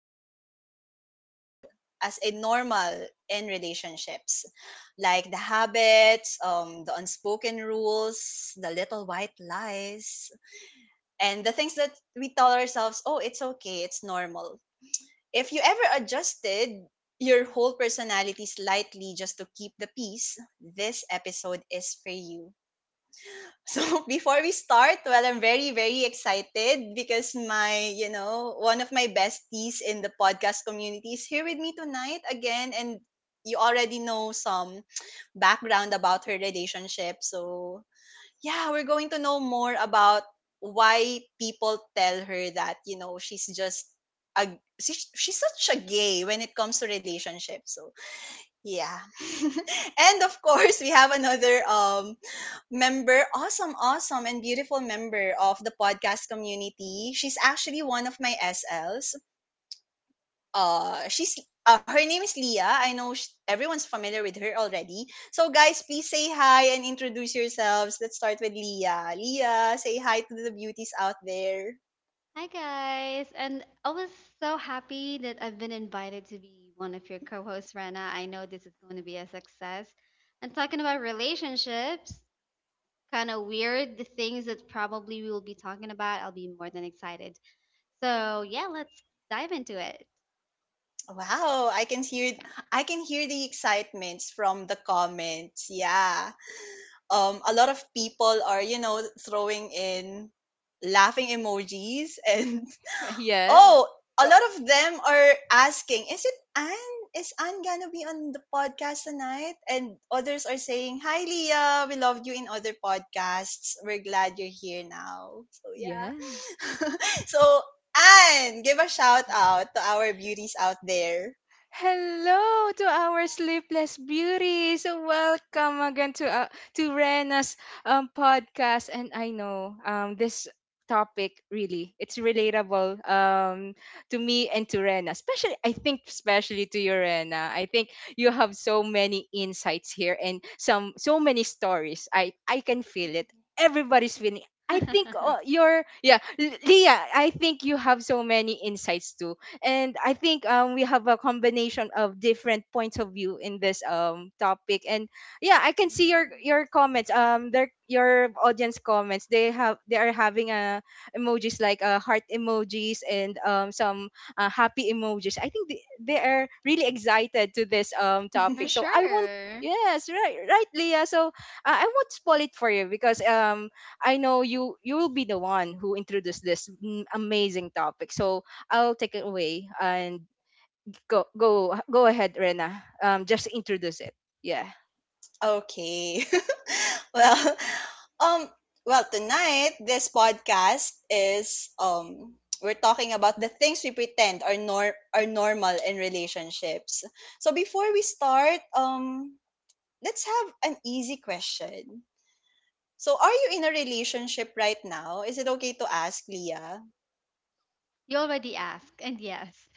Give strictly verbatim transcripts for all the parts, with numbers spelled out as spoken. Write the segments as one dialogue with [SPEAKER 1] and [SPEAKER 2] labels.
[SPEAKER 1] pretend to be normal, as in normal in relationships, like the habits, um, the unspoken rules, the little white lies, and the things that we tell ourselves, "Oh, it's okay, it's normal." If you ever adjusted your whole personality slightly just to keep the peace, this episode is for you. So before we start, well, I'm very, very excited because my, you know, one of my besties in the podcast community is here with me tonight again. And you already know some background about her relationship. So yeah, we're going to know more about why people tell her that, you know, she's just a she's, she's such a gay when it comes to relationships. So, yeah. And of course, we have another um member, awesome, awesome and beautiful member of the podcast community. She's actually one of my S Ls. Uh, she's uh, Her name is Leah. I know sh- everyone's familiar with her already. So guys, please say hi and introduce yourselves. Let's start with Leah. Leah, say hi to the beauties out there.
[SPEAKER 2] Hi guys, and I was so happy that I've been invited to be one of your co-hosts, Rena. I know this is going to be a success. And talking about relationships, kind of weird the things that probably we will be talking about. I'll be more than excited. So yeah, let's dive into it.
[SPEAKER 1] Wow, I can hear I can hear the excitements from the comments. Yeah. Um a lot of people are, you know, throwing in laughing emojis and
[SPEAKER 3] Yeah.
[SPEAKER 1] oh, a
[SPEAKER 3] Oh,
[SPEAKER 1] lot of them are asking, is it Anne? Is Anne gonna be on the podcast tonight? And others are saying, Hi Leah, we loved you in other podcasts. We're glad you're here now. So
[SPEAKER 3] yeah.
[SPEAKER 1] yeah. So Anne, give a shout out to our beauties out there.
[SPEAKER 3] Hello to our sleepless beauties. Welcome again to uh, to Rena's um, podcast. And I know um, this topic really it's relatable um, to me and to Rena. Especially, I think especially to you, Rena. I think you have so many insights here and some so many stories. I I can feel it. Everybody's feeling. I think uh,
[SPEAKER 2] hmm
[SPEAKER 3] you're yeah, L- Leah. I think you have so many insights too and I think um, we have a combination of different points of view in this um topic. And yeah, I can see your your comments. Um, their your audience comments. They have they are having uh, emojis like uh, heart emojis and um some uh, happy emojis. I think they, they are really excited to this um
[SPEAKER 2] For
[SPEAKER 3] topic. So I want.
[SPEAKER 2] sure.
[SPEAKER 3] Yes, right, right, Leah. So uh, I won't spoil it for you because um I know you you will be the one who introduced this mm, amazing topic. So I'll take it away and go go go ahead, Rena. Um, just introduce it. Yeah,
[SPEAKER 1] Okay. well, um, well, tonight this podcast is um we're talking about the things we pretend are nor are normal in relationships. So before we start, um, let's have an easy question. So are you in a relationship right now? Is it okay to ask, Leah?
[SPEAKER 2] You already asked, and yes,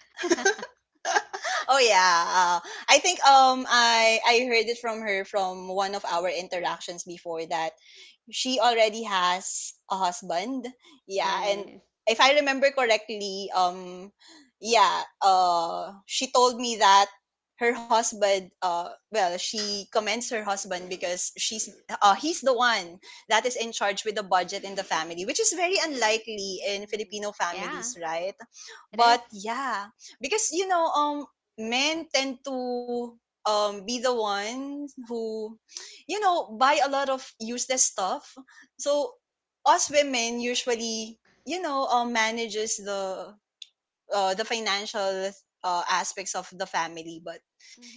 [SPEAKER 1] Oh yeah. Uh, I think um I I heard it from her from one of our interactions before that she already has a husband. Yeah, and
[SPEAKER 2] yes,
[SPEAKER 1] if I remember correctly, um yeah, uh she told me that her husband uh well, she commends her husband because she's uh he's the one that is in charge with the budget in the family, which is very unlikely in
[SPEAKER 2] hmm
[SPEAKER 1] Filipino
[SPEAKER 2] yeah,
[SPEAKER 1] families, right?
[SPEAKER 2] it is.
[SPEAKER 1] But yeah, because you know, um men tend to um be the one who, you know, buy a lot of useless stuff. So us women usually, you know, uh, manages the uh, the financial uh, aspects of the family. But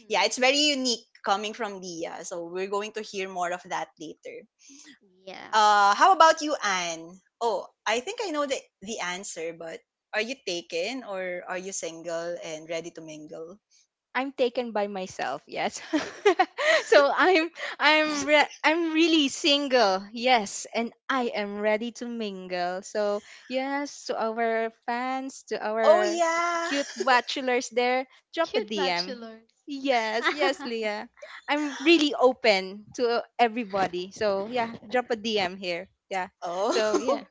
[SPEAKER 1] yeah, it's very unique coming from Leah. So we're going to hear more of that later.
[SPEAKER 2] Yeah,
[SPEAKER 1] Uh, how about you, Anne? Oh, I think I know the the answer, but are you taken or are you single and ready to mingle?
[SPEAKER 3] I'm taken by myself. Yes, so I'm I'm re- I'm really single. Yes, and I am ready to mingle. So yes, to our fans, to
[SPEAKER 1] Oh
[SPEAKER 3] our
[SPEAKER 1] yeah.
[SPEAKER 3] cute bachelors there, drop a
[SPEAKER 2] cute
[SPEAKER 3] D M.
[SPEAKER 2] bachelors.
[SPEAKER 3] Yes, yes, Leah. I'm really open to everybody. So yeah, drop a D M here. Yeah.
[SPEAKER 1] Oh.
[SPEAKER 3] So yeah.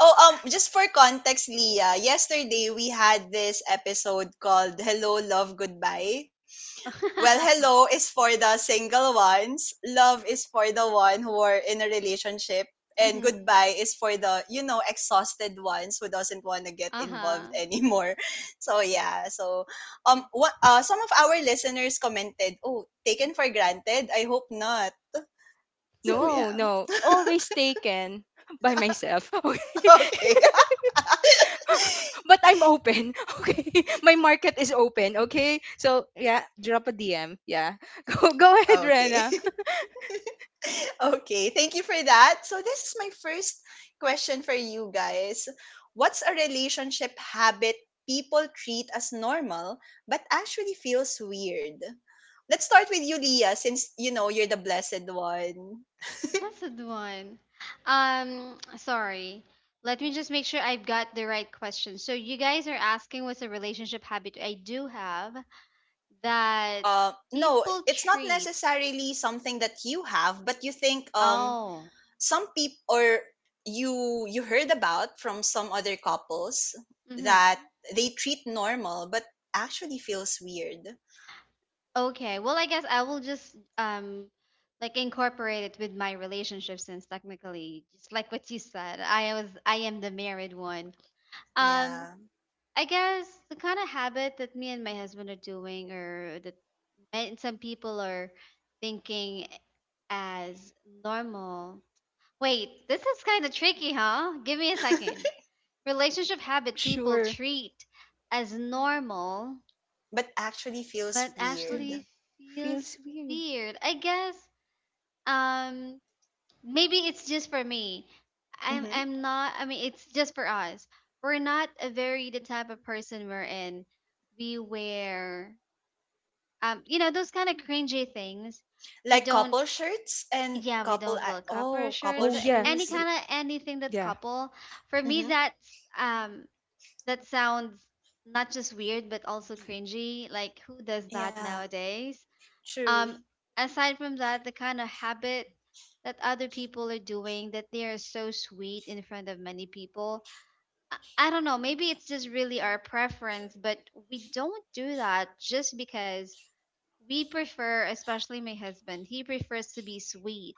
[SPEAKER 1] Oh, um, just for context, Leah, yesterday we had this episode called Hello, Love, Goodbye. Well, hello is for the single ones, love is for the one who are in a relationship, and
[SPEAKER 2] Mhm.
[SPEAKER 1] goodbye is for the, you know, exhausted ones who doesn't want to get involved
[SPEAKER 2] Uh-huh.
[SPEAKER 1] anymore. So, yeah. So, um, what, uh, some of our listeners commented, oh, taken for granted? I hope not. So,
[SPEAKER 3] No,
[SPEAKER 1] yeah.
[SPEAKER 3] no. Always taken by myself.
[SPEAKER 1] Okay.
[SPEAKER 3] Okay. But I'm open. Okay. My market is open. Okay. So, yeah, drop a D M. Yeah. Go, go ahead,
[SPEAKER 1] Okay.
[SPEAKER 3] Rena.
[SPEAKER 1] Okay, thank you for that. So this is my first question for you guys. What's a relationship habit people treat as normal but actually feels weird? Let's start with you, Leah, since you know you're the blessed one.
[SPEAKER 2] Blessed one. Um, sorry. Let me just make sure I've got the right question. So you guys are asking what's a relationship habit I do have that
[SPEAKER 1] Uh, no,
[SPEAKER 2] people
[SPEAKER 1] it's not
[SPEAKER 2] treat.
[SPEAKER 1] necessarily something that you have, but you think um
[SPEAKER 2] Oh.
[SPEAKER 1] some people or you you heard about from some other couples
[SPEAKER 2] Mm-hmm.
[SPEAKER 1] that they treat normal but actually feels weird.
[SPEAKER 2] Okay. Well, I guess I will just um like incorporate it with my relationship since technically, just like what you said, I was I am the married one. Um,
[SPEAKER 1] Yeah.
[SPEAKER 2] I guess the kind of habit that me and my husband are doing, or that and some people are thinking as normal. Wait, this is kind of tricky, huh? Give me a second. Relationship habit people
[SPEAKER 3] Sure.
[SPEAKER 2] treat as normal,
[SPEAKER 1] But actually feels
[SPEAKER 2] but
[SPEAKER 1] weird.
[SPEAKER 3] Mm.
[SPEAKER 2] actually
[SPEAKER 3] Feels
[SPEAKER 2] feels
[SPEAKER 3] weird.
[SPEAKER 2] weird. I guess um maybe it's just for me. I'm
[SPEAKER 1] Hmm.
[SPEAKER 2] I'm not. I mean, it's just for us. We're not a very the type of person we're in. We wear um you know those kind of cringy things we
[SPEAKER 1] Like couple
[SPEAKER 2] don't
[SPEAKER 1] shirts and
[SPEAKER 2] yeah, we
[SPEAKER 1] couple
[SPEAKER 2] don't
[SPEAKER 1] I
[SPEAKER 2] wear couple
[SPEAKER 1] oh couple
[SPEAKER 2] shirts,
[SPEAKER 3] Oh,
[SPEAKER 2] like
[SPEAKER 3] yeah.
[SPEAKER 2] any
[SPEAKER 1] shoes.
[SPEAKER 3] y-
[SPEAKER 2] kind of anything that's
[SPEAKER 3] Yeah.
[SPEAKER 2] couple. For me,
[SPEAKER 1] Hmm.
[SPEAKER 2] that's um that sounds not just weird but also cringy. Like, who does that
[SPEAKER 1] Yeah,
[SPEAKER 2] nowadays?
[SPEAKER 1] true.
[SPEAKER 2] um Aside from that, the kind of habit that other people are doing that they are so sweet in front of many people, I, I don't know, maybe it's just really our preference, but we don't do that just because we prefer, especially my husband, he prefers to be sweet,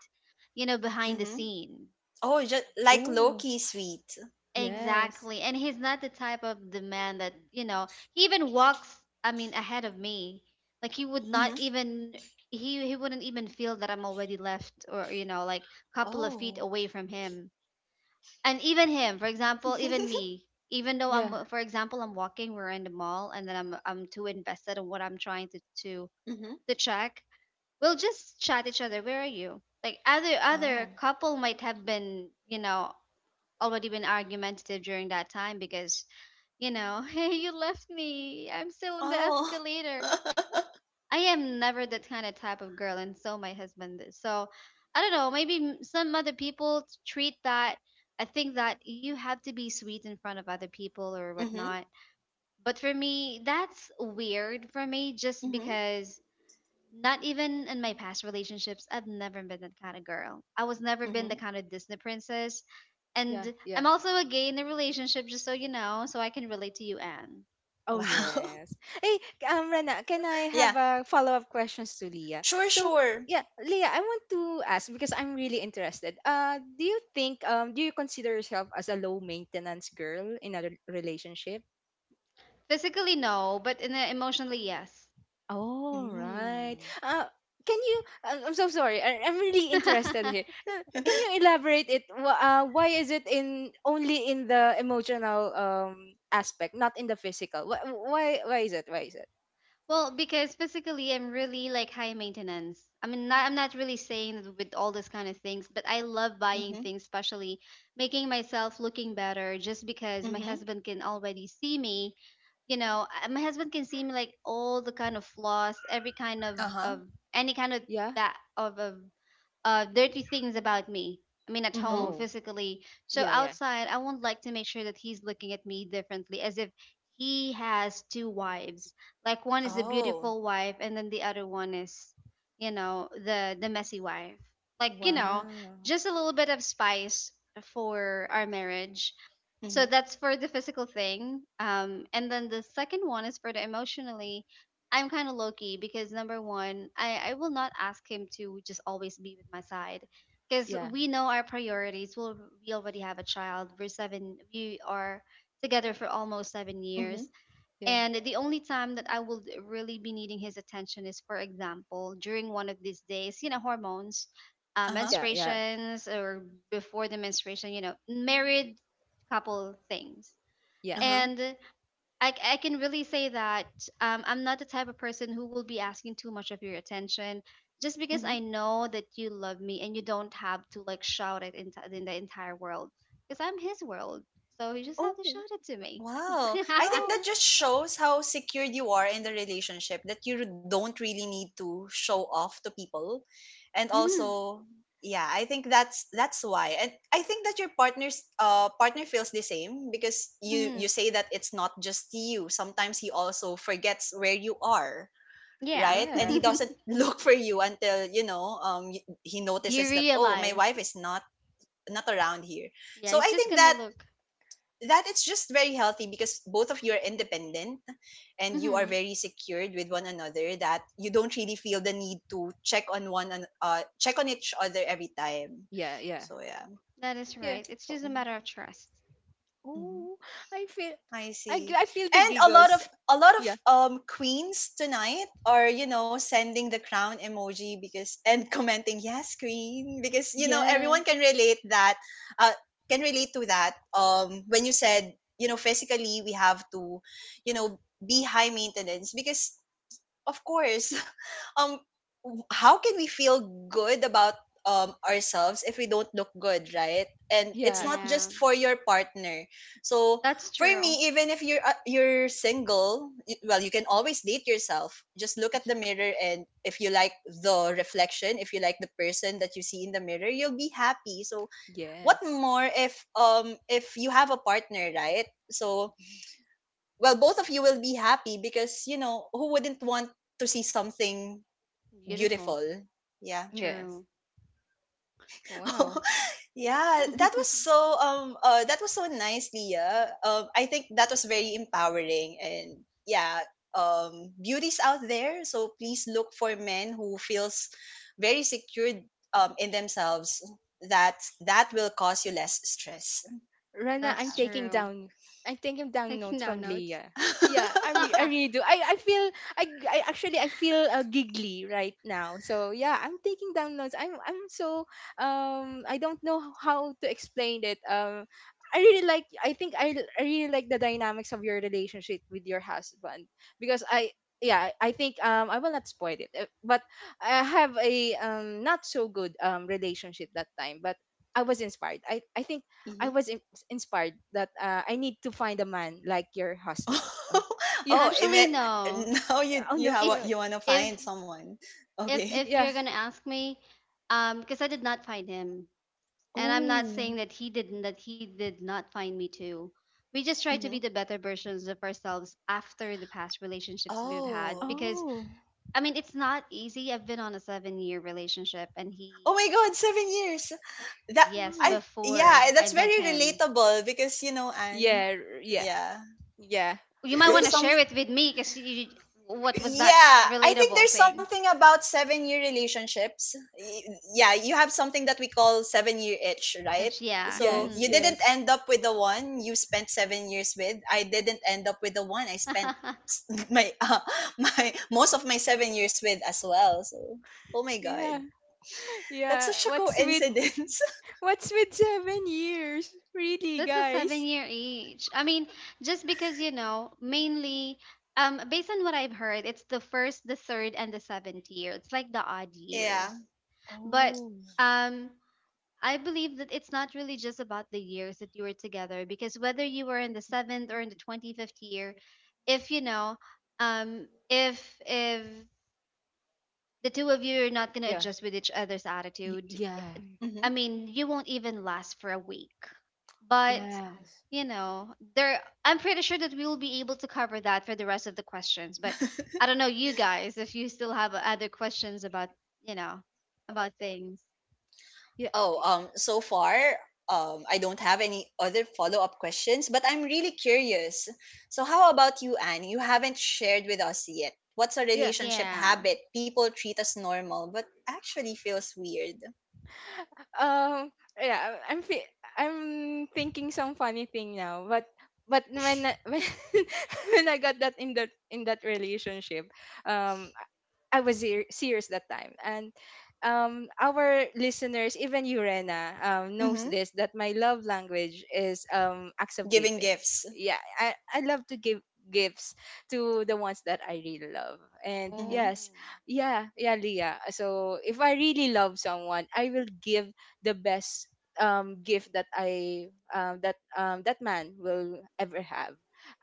[SPEAKER 2] you know, behind the
[SPEAKER 1] Hmm.
[SPEAKER 2] scene.
[SPEAKER 1] Oh, just like low
[SPEAKER 3] Oh,
[SPEAKER 1] key sweet.
[SPEAKER 3] yes.
[SPEAKER 2] Exactly. And he's not the type of the man that, you know, he even walks, I mean, ahead of me. Like he would
[SPEAKER 1] Hmm.
[SPEAKER 2] not even he he wouldn't even feel that I'm already left or, you know, like couple of feet
[SPEAKER 1] Oh.
[SPEAKER 2] away from him. And even him, for example, even me, even though
[SPEAKER 3] Yeah.
[SPEAKER 2] I'm for example, I'm walking, we're in the mall, and then I'm I'm too invested in what I'm trying to to
[SPEAKER 1] Hmm.
[SPEAKER 2] to check. We'll just chat each other, where are you? Like other other
[SPEAKER 1] Oh.
[SPEAKER 2] couple might have been, you know, already been argumentative during that time because, you know, hey, you left me, I'm still on the
[SPEAKER 1] Oh.
[SPEAKER 2] escalator. I am never that kind of type of girl, and so my husband is so, I don't know, maybe m- some other people treat that, I think, that you have to be sweet in front of other people or
[SPEAKER 1] Hmm.
[SPEAKER 2] whatnot, but for me, that's weird for me just
[SPEAKER 1] Hmm.
[SPEAKER 2] because, not even in my past relationships, I've never been that kind of girl. I was never been the
[SPEAKER 1] Hmm.
[SPEAKER 2] kind of Disney princess.
[SPEAKER 3] Yeah.
[SPEAKER 2] And I'm
[SPEAKER 3] Yeah.
[SPEAKER 2] also a gay in a relationship, just so you know, so I can relate to you, Anne.
[SPEAKER 3] Oh
[SPEAKER 1] Wow.
[SPEAKER 3] yes. Hey, um, Rana, can I
[SPEAKER 1] Yeah.
[SPEAKER 3] have a follow-up questions to Leah?
[SPEAKER 1] Sure.
[SPEAKER 3] So
[SPEAKER 1] Sure.
[SPEAKER 3] yeah, Leah, I want to ask because I'm really interested. Uh, do you think um, do you consider yourself as a low maintenance girl in a re- relationship?
[SPEAKER 2] Physically, no, but in a, emotionally, yes.
[SPEAKER 3] All right.
[SPEAKER 1] Mm.
[SPEAKER 3] Uh, can you? I'm I'm so sorry. I, I'm really interested here. Uh, Can you elaborate it? Wh- Uh, why is it in only in the emotional um aspect, not in the physical? Wh- Why? Why is it? Why is it?
[SPEAKER 2] Well, because physically I'm really like high maintenance. I mean, not, I'm not really saying that with all this kind of things, but I love buying
[SPEAKER 1] Mm-hmm.
[SPEAKER 2] things, especially making myself looking better just because my
[SPEAKER 1] Mm-hmm.
[SPEAKER 2] husband can already see me. You know, I- my husband can see me like all the kind of flaws, every kind of
[SPEAKER 1] Uh-huh.
[SPEAKER 2] of any kind of
[SPEAKER 3] Yeah.
[SPEAKER 2] that of of uh, dirty things about me. I mean, at home,
[SPEAKER 1] Mm-hmm.
[SPEAKER 3] Oh.
[SPEAKER 2] physically. So
[SPEAKER 3] Yeah. Yeah.
[SPEAKER 2] outside, I would like to make sure that he's looking at me differently, as if he has two wives. Like, one is the
[SPEAKER 1] Oh.
[SPEAKER 2] beautiful wife, and then the other one is, you know, the the messy wife. Like, you
[SPEAKER 1] Mm-hmm.
[SPEAKER 2] know,
[SPEAKER 3] Wow.
[SPEAKER 2] just a little bit of spice for our marriage. So
[SPEAKER 1] Mm-hmm.
[SPEAKER 2] that's for the physical thing. Um, and then the second one is for the emotionally. I'm kind of low key because number one, I, I will not ask him to just always be with my side because
[SPEAKER 3] Yeah,
[SPEAKER 2] we know our priorities. Well, we already have a child. We're seven. We are together for almost seven
[SPEAKER 1] Mm-hmm.
[SPEAKER 2] years,
[SPEAKER 3] yeah,
[SPEAKER 2] and the only time that I will really be needing his attention is, for example, during one of these days. You know, hormones, uh,
[SPEAKER 1] Uh-huh.
[SPEAKER 3] yeah, yeah,
[SPEAKER 2] menstruations, or before the menstruation. You know, married couple things,
[SPEAKER 3] yeah.
[SPEAKER 1] Uh-huh.
[SPEAKER 2] and I, I can really say that um, I'm not the type of person who will be asking too much of your attention just because
[SPEAKER 1] Hmm.
[SPEAKER 2] I know that you love me, and you don't have to like shout it in, in the entire world because I'm his world. So you just have to
[SPEAKER 3] Oh,
[SPEAKER 2] shout it to me.
[SPEAKER 1] Wow. I think
[SPEAKER 3] oh,
[SPEAKER 1] that just shows how secured you are in the relationship that you don't really need to show off to people. And
[SPEAKER 2] hmm
[SPEAKER 1] also, yeah, I think that's that's why. And I think that your partner's uh partner feels the same because you
[SPEAKER 2] hmm
[SPEAKER 1] you say that it's not just you. Sometimes he also forgets where you are,
[SPEAKER 2] Yeah.
[SPEAKER 1] right? And
[SPEAKER 3] yeah,
[SPEAKER 1] he doesn't look for you until, you know, um y- he
[SPEAKER 2] You
[SPEAKER 1] notices that oh, my
[SPEAKER 2] realize.
[SPEAKER 1] wife is not not around here.
[SPEAKER 2] Yeah,
[SPEAKER 1] So
[SPEAKER 2] it's
[SPEAKER 1] I
[SPEAKER 2] just
[SPEAKER 1] think
[SPEAKER 2] gonna
[SPEAKER 1] that
[SPEAKER 2] look.
[SPEAKER 1] that it's just very healthy because both of you are independent and you are
[SPEAKER 2] Hmm
[SPEAKER 1] very secured with one another that you don't really feel the need to check on one an- uh check on each other every time,
[SPEAKER 3] yeah, yeah,
[SPEAKER 1] so yeah.
[SPEAKER 2] That is
[SPEAKER 3] yeah.
[SPEAKER 2] right. It's just a matter of trust.
[SPEAKER 1] Mhm.
[SPEAKER 3] Oh, I feel,
[SPEAKER 1] I
[SPEAKER 3] I, g-
[SPEAKER 1] see.
[SPEAKER 3] I feel the
[SPEAKER 1] And a lot
[SPEAKER 3] giggles.
[SPEAKER 1] of a lot
[SPEAKER 3] Yeah,
[SPEAKER 1] of um queens tonight are, you know, sending the crown emoji because and commenting, "Yes, queen," because you know,
[SPEAKER 3] yeah,
[SPEAKER 1] everyone can relate that uh can relate to that. Um when you said, you know, physically we have to, you know, be high maintenance because of course um w- how can we feel good about um ourselves if we don't look good, right? And it's
[SPEAKER 3] yeah.
[SPEAKER 1] not
[SPEAKER 2] Yeah,
[SPEAKER 1] just for your partner. So
[SPEAKER 2] that's
[SPEAKER 1] for
[SPEAKER 2] true.
[SPEAKER 1] me, even if you're uh, you're single, y- well you can always date yourself, just look at the mirror, and if you like the reflection, if you like the person that you see in the mirror, you'll be happy. So what
[SPEAKER 3] Yes,
[SPEAKER 1] more if um if you have a partner, right? So well both of you will be happy because you know who wouldn't want to see something
[SPEAKER 2] Beautiful.
[SPEAKER 1] Beautiful. Yeah.
[SPEAKER 3] yes.
[SPEAKER 2] True.
[SPEAKER 3] Wow.
[SPEAKER 1] Yeah, that was so um uh that was so nice, Leah. Um I think that was very empowering and yeah, um beauty's out there, so please look for men who feels very secured um in themselves. That that will cause you less stress.
[SPEAKER 3] Rana, I'm
[SPEAKER 2] That's
[SPEAKER 1] Yeah.
[SPEAKER 3] taking
[SPEAKER 2] true.
[SPEAKER 3] down. I'm taking down
[SPEAKER 2] Taking
[SPEAKER 3] notes
[SPEAKER 2] down
[SPEAKER 3] from
[SPEAKER 2] notes.
[SPEAKER 3] Leah. Yeah, I re- I really do. I, I feel I, I actually I feel uh, giggly right now. So yeah, I'm taking down notes. I'm I'm so um I don't know how to explain it. Um, I really like. I think I I really like the dynamics of your relationship with your husband because I yeah I think um I will not spoil it. Uh, but I have a um not so good um relationship that time. But I was inspired. I I think I
[SPEAKER 1] Hmm.
[SPEAKER 3] was in- inspired that uh, I need to find a man like your husband. Oh, yeah.
[SPEAKER 1] Oh, it
[SPEAKER 2] Actually,
[SPEAKER 1] may,
[SPEAKER 2] no.
[SPEAKER 1] now you
[SPEAKER 3] Oh
[SPEAKER 1] you
[SPEAKER 3] no.
[SPEAKER 1] have
[SPEAKER 3] Uh,
[SPEAKER 2] If
[SPEAKER 1] you want to
[SPEAKER 2] if
[SPEAKER 1] find someone. Okay.
[SPEAKER 2] if if
[SPEAKER 3] yeah.
[SPEAKER 2] you're gonna ask me, um, because I did not find him, and I'm not
[SPEAKER 3] Oh.
[SPEAKER 2] saying that he didn't, that he did not find me too. We just try to be
[SPEAKER 1] Hmm.
[SPEAKER 2] the better versions of ourselves after the past relationships we've had.
[SPEAKER 1] Oh.
[SPEAKER 2] Because,
[SPEAKER 3] Oh
[SPEAKER 2] I mean, it's not easy. I've been on a seven-year relationship, and
[SPEAKER 1] Oh
[SPEAKER 2] he,
[SPEAKER 1] my God, seven years. That
[SPEAKER 2] yes,
[SPEAKER 3] my.
[SPEAKER 1] I
[SPEAKER 2] before
[SPEAKER 1] yeah,
[SPEAKER 2] I
[SPEAKER 1] that's
[SPEAKER 2] met
[SPEAKER 1] very
[SPEAKER 2] him,
[SPEAKER 1] relatable because you know, Anne.
[SPEAKER 3] Yeah. r- Yeah.
[SPEAKER 1] Yeah,
[SPEAKER 3] Yeah.
[SPEAKER 2] you might want
[SPEAKER 1] there's
[SPEAKER 2] to
[SPEAKER 1] some.
[SPEAKER 2] share it with me, because what was that
[SPEAKER 1] Yeah, I think
[SPEAKER 2] relatable
[SPEAKER 1] there's
[SPEAKER 2] thing?
[SPEAKER 1] something about seven year relationships. Y- Yeah, you have something that we call seven year itch, right?
[SPEAKER 2] That's yeah.
[SPEAKER 1] So
[SPEAKER 2] Mm-hmm.
[SPEAKER 3] Yes.
[SPEAKER 1] you didn't
[SPEAKER 3] Yes.
[SPEAKER 1] end up with the one you spent seven years with. I didn't end up with the one I spent s- my uh, my most of my seven years with as well. So oh my God,
[SPEAKER 3] Yeah.
[SPEAKER 1] that's
[SPEAKER 3] Yeah.
[SPEAKER 1] such a
[SPEAKER 3] What's with
[SPEAKER 1] coincidence.
[SPEAKER 3] What's with seven years? Really,
[SPEAKER 2] That's a seven
[SPEAKER 3] guys?
[SPEAKER 2] year age. I mean, just because, you know, mainly um based on what I've heard, it's the first, the third, and the seventh year. It's like the odd years.
[SPEAKER 1] Yeah.
[SPEAKER 2] But
[SPEAKER 3] Oh.
[SPEAKER 2] um I believe that it's not really just about the years that you were together, because whether you were in the seventh or in the twenty fifth year, if you know, um if if the two of you are not gonna
[SPEAKER 3] Yeah.
[SPEAKER 2] adjust with each other's
[SPEAKER 3] Y-
[SPEAKER 2] attitude,
[SPEAKER 3] yeah.
[SPEAKER 1] Hmm.
[SPEAKER 2] I mean, you won't even last for a week. But,
[SPEAKER 3] Yes.
[SPEAKER 2] you know, there I'm pretty sure that we will be able to cover that for the rest of the questions. But I don't know, you guys, if you still have other questions about, you know, about things.
[SPEAKER 3] Yeah.
[SPEAKER 1] Oh, um, so far, um, I don't have any other follow up questions, but I'm really curious. So, how about you, Anne? You haven't shared with us yet. What's a
[SPEAKER 3] Yeah.
[SPEAKER 1] relationship
[SPEAKER 2] Yeah.
[SPEAKER 1] habit people treat as normal, but actually feels weird?
[SPEAKER 3] um yeah, I- am fe- i'm thinking some funny thing now but but when I- when, when I got that in that in that relationship um I was ser- serious that time. And um, our listeners, even you, Rena, um, knows
[SPEAKER 1] Mm-hmm.
[SPEAKER 3] this that my love language is um, acts of
[SPEAKER 1] Giving
[SPEAKER 3] giving.
[SPEAKER 1] gifts.
[SPEAKER 3] Yeah, I, I love to give gifts to the ones that I really love. And
[SPEAKER 2] Oh.
[SPEAKER 1] Mm-hmm.
[SPEAKER 3] yes, yeah, yeah, Leah. So if I really love someone, I will give the best um, gift that I um, that um, that man will ever have,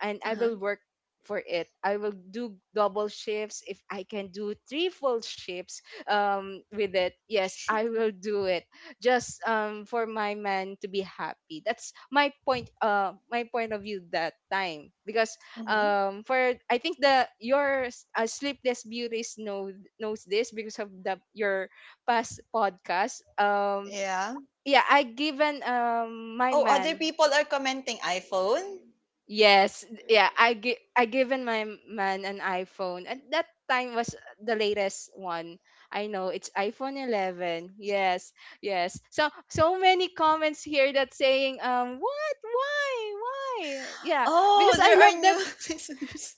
[SPEAKER 3] and I
[SPEAKER 1] Uh-huh.
[SPEAKER 3] will work for it. I will do double shifts if I can do three full shifts um with it. Yes, I will do it just um for my man to be happy. That's my point uh my point of view that time because
[SPEAKER 1] Mm-hmm.
[SPEAKER 3] um for I think the your uh, sleepless beauties know knows this because of the your past podcast um
[SPEAKER 1] Yeah.
[SPEAKER 3] yeah I given um my
[SPEAKER 1] Oh, other
[SPEAKER 3] man.
[SPEAKER 1] people are commenting iPhone.
[SPEAKER 3] Yes, yeah, I gi I given my m- man an iPhone. At that time was the latest one. I know it's iPhone eleven. Yes, yes. So so many comments here that saying um what why why yeah
[SPEAKER 1] Oh,
[SPEAKER 3] because I
[SPEAKER 1] there are
[SPEAKER 3] love
[SPEAKER 1] new
[SPEAKER 3] that
[SPEAKER 1] listeners.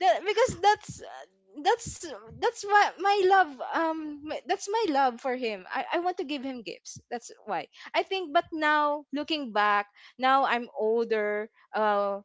[SPEAKER 3] that because that's uh, that's that's my my love um my- that's my love for him. I I want to give him gifts. That's why I think. But now looking back, now I'm older. uh,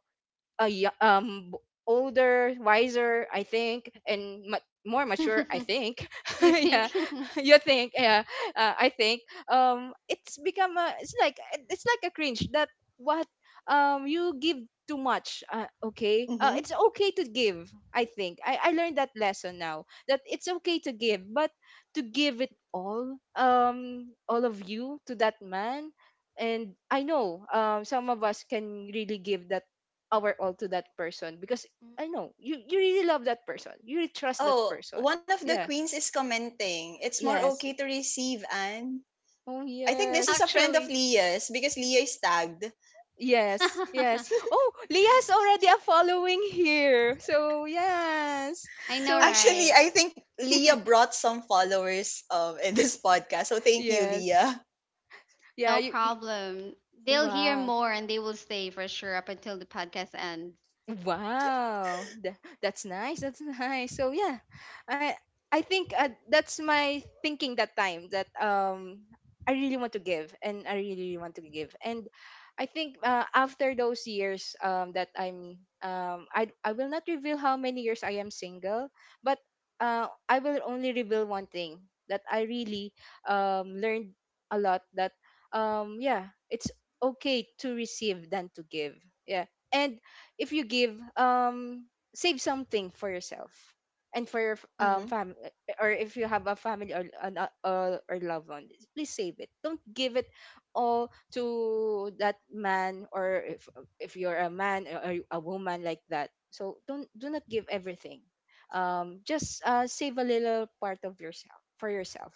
[SPEAKER 3] a yo- um b- Older, wiser, I think, and ma- more mature, I think.
[SPEAKER 2] You
[SPEAKER 3] Yeah,
[SPEAKER 2] think?
[SPEAKER 3] you think? Yeah, uh, I think. Um, it's become a. It's like it's like a cringe that what um you give too much. Uh, okay, uh,
[SPEAKER 1] Mm-hmm.
[SPEAKER 3] it's okay to give. I think I I learned that lesson now that it's okay to give, but to give it all um all of you to that man and I know um some of us can really give that our all to that person because I know you you really love that person. You really trust that
[SPEAKER 1] Oh,
[SPEAKER 3] person.
[SPEAKER 1] one of the
[SPEAKER 3] Yeah.
[SPEAKER 1] queens is commenting. It's more
[SPEAKER 3] Yes.
[SPEAKER 1] okay to receive, Anne.
[SPEAKER 3] Oh
[SPEAKER 1] I think this is
[SPEAKER 3] yes.
[SPEAKER 1] a friend
[SPEAKER 2] Actually.
[SPEAKER 1] of Leah's because Leah is tagged.
[SPEAKER 3] Yes. Yes. Oh, Leah's already a following here. So yes.
[SPEAKER 2] I know,
[SPEAKER 3] So
[SPEAKER 2] right?
[SPEAKER 1] Actually, I think Leah brought some followers, um, in this podcast. So thank you,
[SPEAKER 3] yes.
[SPEAKER 1] Leah.
[SPEAKER 3] Yeah.
[SPEAKER 2] No
[SPEAKER 3] You. You
[SPEAKER 2] problem. They'll hear
[SPEAKER 3] wow.
[SPEAKER 2] more and they will stay for sure up until the podcast ends.
[SPEAKER 3] Wow, tha- that's nice. That's nice. So yeah, I I think uh, that's my thinking that time that um I really want to give and I really really want to give and I think uh, after those years um that I'm um I I will not reveal how many years I am single, but uh I will only reveal one thing that I really um learned a lot that um yeah it's okay to receive than to give, yeah. And if you give, um save something for yourself and for your f- um
[SPEAKER 1] Mm-hmm.
[SPEAKER 3] family or if you have a family or an uh, or, or loved one, please save it. Don't give it all to that man or if if you're a man or or a woman like that, so don't, do not give everything, um just uh save a little part of yourself for yourself.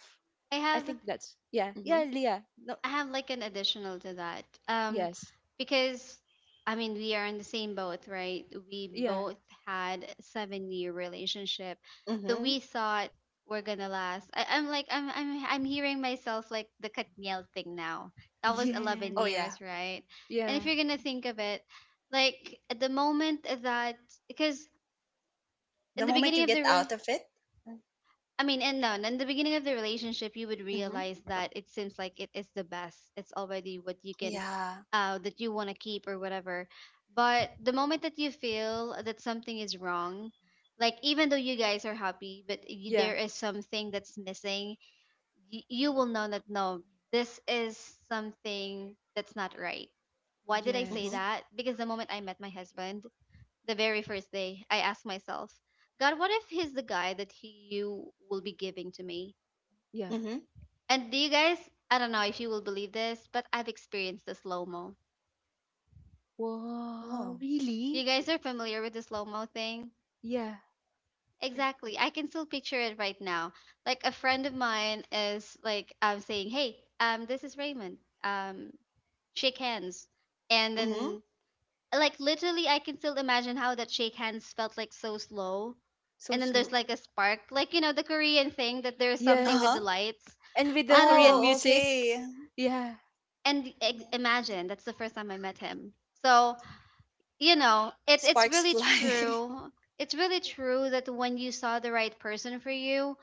[SPEAKER 2] I
[SPEAKER 3] I
[SPEAKER 2] have
[SPEAKER 3] think that's yeah
[SPEAKER 1] Mm-hmm.
[SPEAKER 3] yeah leah, no.
[SPEAKER 2] I have like an additional to that. Um,
[SPEAKER 3] Yes.
[SPEAKER 2] because, I mean, we are in the same boat, right? We
[SPEAKER 3] Yeah.
[SPEAKER 2] both had a seven year relationship that
[SPEAKER 1] Mm-hmm.
[SPEAKER 2] we thought were gonna last. I, I'm like, I'm, I'm, I'm hearing myself like the Katniel thing now. That was
[SPEAKER 3] Yes.
[SPEAKER 2] eleven
[SPEAKER 1] Oh, yeah.
[SPEAKER 2] years, right? And if
[SPEAKER 3] Yeah.
[SPEAKER 2] you're gonna think of it, like at the moment that, because in
[SPEAKER 1] The
[SPEAKER 2] the
[SPEAKER 1] moment
[SPEAKER 2] beginning
[SPEAKER 1] you
[SPEAKER 2] of
[SPEAKER 1] get
[SPEAKER 2] the re-
[SPEAKER 1] out of it.
[SPEAKER 2] I mean, and no, in the beginning of the relationship, you would
[SPEAKER 1] Mm-hmm.
[SPEAKER 2] realize that it seems like it is the best. It's already what you can,
[SPEAKER 1] Yeah.
[SPEAKER 2] uh, that you want to keep or whatever. But the moment that you feel that something is wrong, like even though you guys are happy, but you,
[SPEAKER 3] Yeah.
[SPEAKER 2] there is something that's missing, y- you will know that no, this is something that's not right. Why did I say
[SPEAKER 3] Yes.
[SPEAKER 1] Mm-hmm.
[SPEAKER 2] that? Because the moment I met my husband, the very first day, I asked myself, God, what if he's the guy that he you will be giving to me?
[SPEAKER 3] Yeah.
[SPEAKER 1] Mm-hmm.
[SPEAKER 2] And do you guys, I don't know if you will believe this, but I've experienced the slow mo.
[SPEAKER 3] Wow,
[SPEAKER 1] Oh.
[SPEAKER 2] You
[SPEAKER 3] really?
[SPEAKER 2] guys are familiar with the slow mo thing?
[SPEAKER 3] Yeah,
[SPEAKER 2] Exactly. I can still picture it right now. Like, a friend of mine is like, I'm saying, hey, um, this is Raymond. Um, shake hands. And
[SPEAKER 1] Mm-hmm.
[SPEAKER 2] then like literally I can still imagine how that shake hands felt like, so slow.
[SPEAKER 3] so
[SPEAKER 2] And then
[SPEAKER 3] slow.
[SPEAKER 2] there's like a spark, like, you know, the Korean thing, that there's something with
[SPEAKER 3] Yes.
[SPEAKER 2] the
[SPEAKER 1] Uh-huh.
[SPEAKER 2] lights.
[SPEAKER 3] And with the
[SPEAKER 2] I don't
[SPEAKER 3] Korean
[SPEAKER 2] know.
[SPEAKER 1] Oh,
[SPEAKER 3] music?
[SPEAKER 1] okay.
[SPEAKER 3] Yeah.
[SPEAKER 2] And i- imagine that's the first time I met him. So, you know, it, it's
[SPEAKER 1] Sparks
[SPEAKER 2] really
[SPEAKER 1] fly.
[SPEAKER 2] true, it's really true that when you saw the right person for you,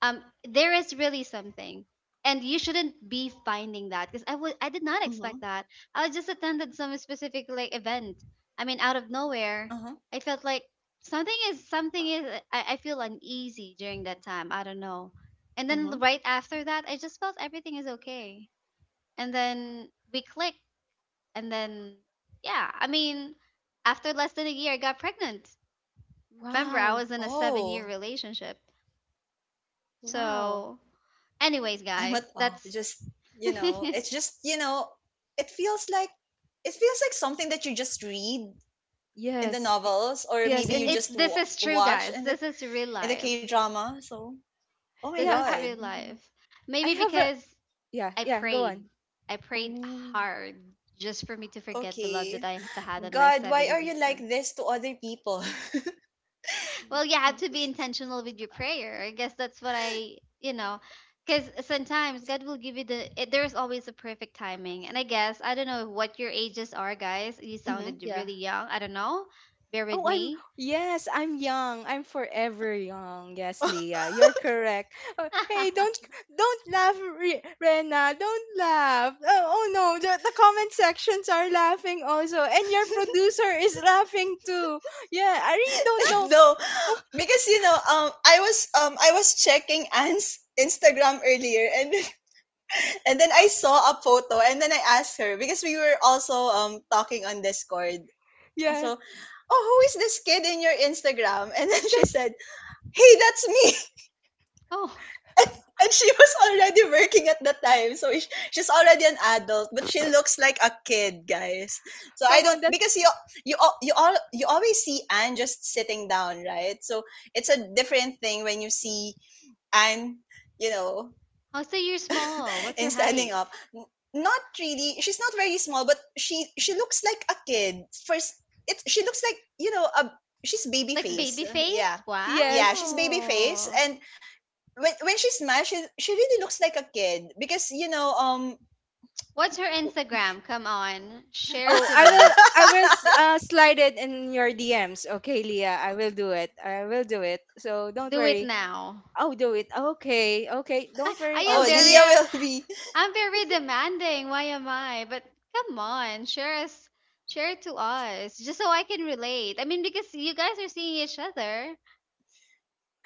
[SPEAKER 2] um there is really something, and you shouldn't be finding that, because I would I did not expect
[SPEAKER 1] Mm-hmm.
[SPEAKER 2] that. I just attended some specific like event. I mean, out of nowhere,
[SPEAKER 1] Uh-huh.
[SPEAKER 2] I felt like something is something is uh, i, I feel uneasy during that time, I don't know, and then
[SPEAKER 1] Mm-hmm.
[SPEAKER 2] right after that I just felt everything is okay, and then we click, and then, yeah, I mean, after less than a year, I got pregnant. Remember, I
[SPEAKER 3] Wow.
[SPEAKER 2] was in a seven year
[SPEAKER 1] Oh,
[SPEAKER 2] relationship.
[SPEAKER 3] Wow.
[SPEAKER 2] So, anyways,
[SPEAKER 1] I'm
[SPEAKER 2] guys,
[SPEAKER 1] at awe.
[SPEAKER 2] that's
[SPEAKER 1] Just you know,
[SPEAKER 2] it,
[SPEAKER 1] it's just you know, it feels like it feels like something that you just read in the
[SPEAKER 3] Yes. I-
[SPEAKER 1] novels, or
[SPEAKER 3] Yes,
[SPEAKER 1] maybe you
[SPEAKER 3] and
[SPEAKER 2] it's,
[SPEAKER 1] just
[SPEAKER 2] this
[SPEAKER 1] wa
[SPEAKER 2] is true,
[SPEAKER 1] watch
[SPEAKER 2] guys.
[SPEAKER 1] in the
[SPEAKER 2] This is real
[SPEAKER 1] in the K
[SPEAKER 2] life.
[SPEAKER 1] drama. So, oh my
[SPEAKER 2] This
[SPEAKER 3] yeah,
[SPEAKER 2] is
[SPEAKER 3] I
[SPEAKER 1] god.
[SPEAKER 2] real life.
[SPEAKER 3] I
[SPEAKER 2] Maybe
[SPEAKER 3] have a
[SPEAKER 2] because
[SPEAKER 3] yeah,
[SPEAKER 2] I
[SPEAKER 3] yeah, go
[SPEAKER 2] prayed,
[SPEAKER 3] on.
[SPEAKER 2] I prayed
[SPEAKER 3] Oh.
[SPEAKER 2] hard just for me to forget the love that
[SPEAKER 1] Okay,
[SPEAKER 2] I had on my
[SPEAKER 1] God, why
[SPEAKER 2] seventh
[SPEAKER 1] are you like
[SPEAKER 2] year.
[SPEAKER 1] this to other people?
[SPEAKER 2] Well, you
[SPEAKER 3] Uh,
[SPEAKER 2] have to be intentional with your prayer. I guess that's what I, you know, because sometimes God will give you the, it, there's always a perfect timing. And I guess, I don't know what your ages are, guys. You
[SPEAKER 1] Hmm.
[SPEAKER 2] sounded
[SPEAKER 3] yeah.
[SPEAKER 2] really young. I don't know. Bear with
[SPEAKER 3] Oh, I'm
[SPEAKER 2] me.
[SPEAKER 3] Yes, I'm young. I'm forever young. Yes, Leah, you're correct. Oh, hey, don't don't laugh, Re- Rena. Don't laugh. Oh, oh no, the, the comment sections are laughing also, and your producer is laughing too. Yeah, I really don't know.
[SPEAKER 1] No, because you know, um, I was um, I was checking Anne's Instagram earlier, and and then I saw a photo, and then I asked her because we were also um talking on Discord,
[SPEAKER 3] Yeah,
[SPEAKER 1] so, oh, who is this kid in your Instagram? And then she said, hey, that's me.
[SPEAKER 2] oh,
[SPEAKER 1] And, and she was already working at the time. So sh- she's already an adult, but she looks like a kid, guys. So I
[SPEAKER 3] come
[SPEAKER 1] don't,
[SPEAKER 3] on, that's
[SPEAKER 1] because you, you, al- you all, you always see Anne just sitting down, right? So it's a different thing when you see Anne, you know,
[SPEAKER 2] oh, so you're small. What's your
[SPEAKER 1] and standing
[SPEAKER 2] height?
[SPEAKER 1] up n- not really, she's not very small but she she looks like a kid first, it she looks like, you know, a she's baby
[SPEAKER 2] Like baby
[SPEAKER 1] face. Uh,
[SPEAKER 2] face?
[SPEAKER 1] yeah, yeah
[SPEAKER 3] yes.
[SPEAKER 1] she's baby face
[SPEAKER 2] Wow.
[SPEAKER 1] and when, when she smashes she really looks like a kid because you know um.
[SPEAKER 2] What's her Instagram? Come on, share
[SPEAKER 3] Oh,
[SPEAKER 2] to
[SPEAKER 3] I will
[SPEAKER 2] me.
[SPEAKER 3] I will s- uh, slide it in your D Ms. Okay, Leah, I will do it. I will do it. So don't
[SPEAKER 2] Do it
[SPEAKER 3] worry.
[SPEAKER 2] now.
[SPEAKER 3] I'll do it. Okay, okay.
[SPEAKER 2] I,
[SPEAKER 3] Don't
[SPEAKER 2] I
[SPEAKER 3] worry. I'll
[SPEAKER 2] am
[SPEAKER 1] Oh
[SPEAKER 3] send
[SPEAKER 2] very
[SPEAKER 3] you.
[SPEAKER 2] uh,
[SPEAKER 1] Leah will be
[SPEAKER 2] I'm very demanding. Why am I? But come on, share us, share it to us, just so I can relate. I mean, because you guys are seeing each other.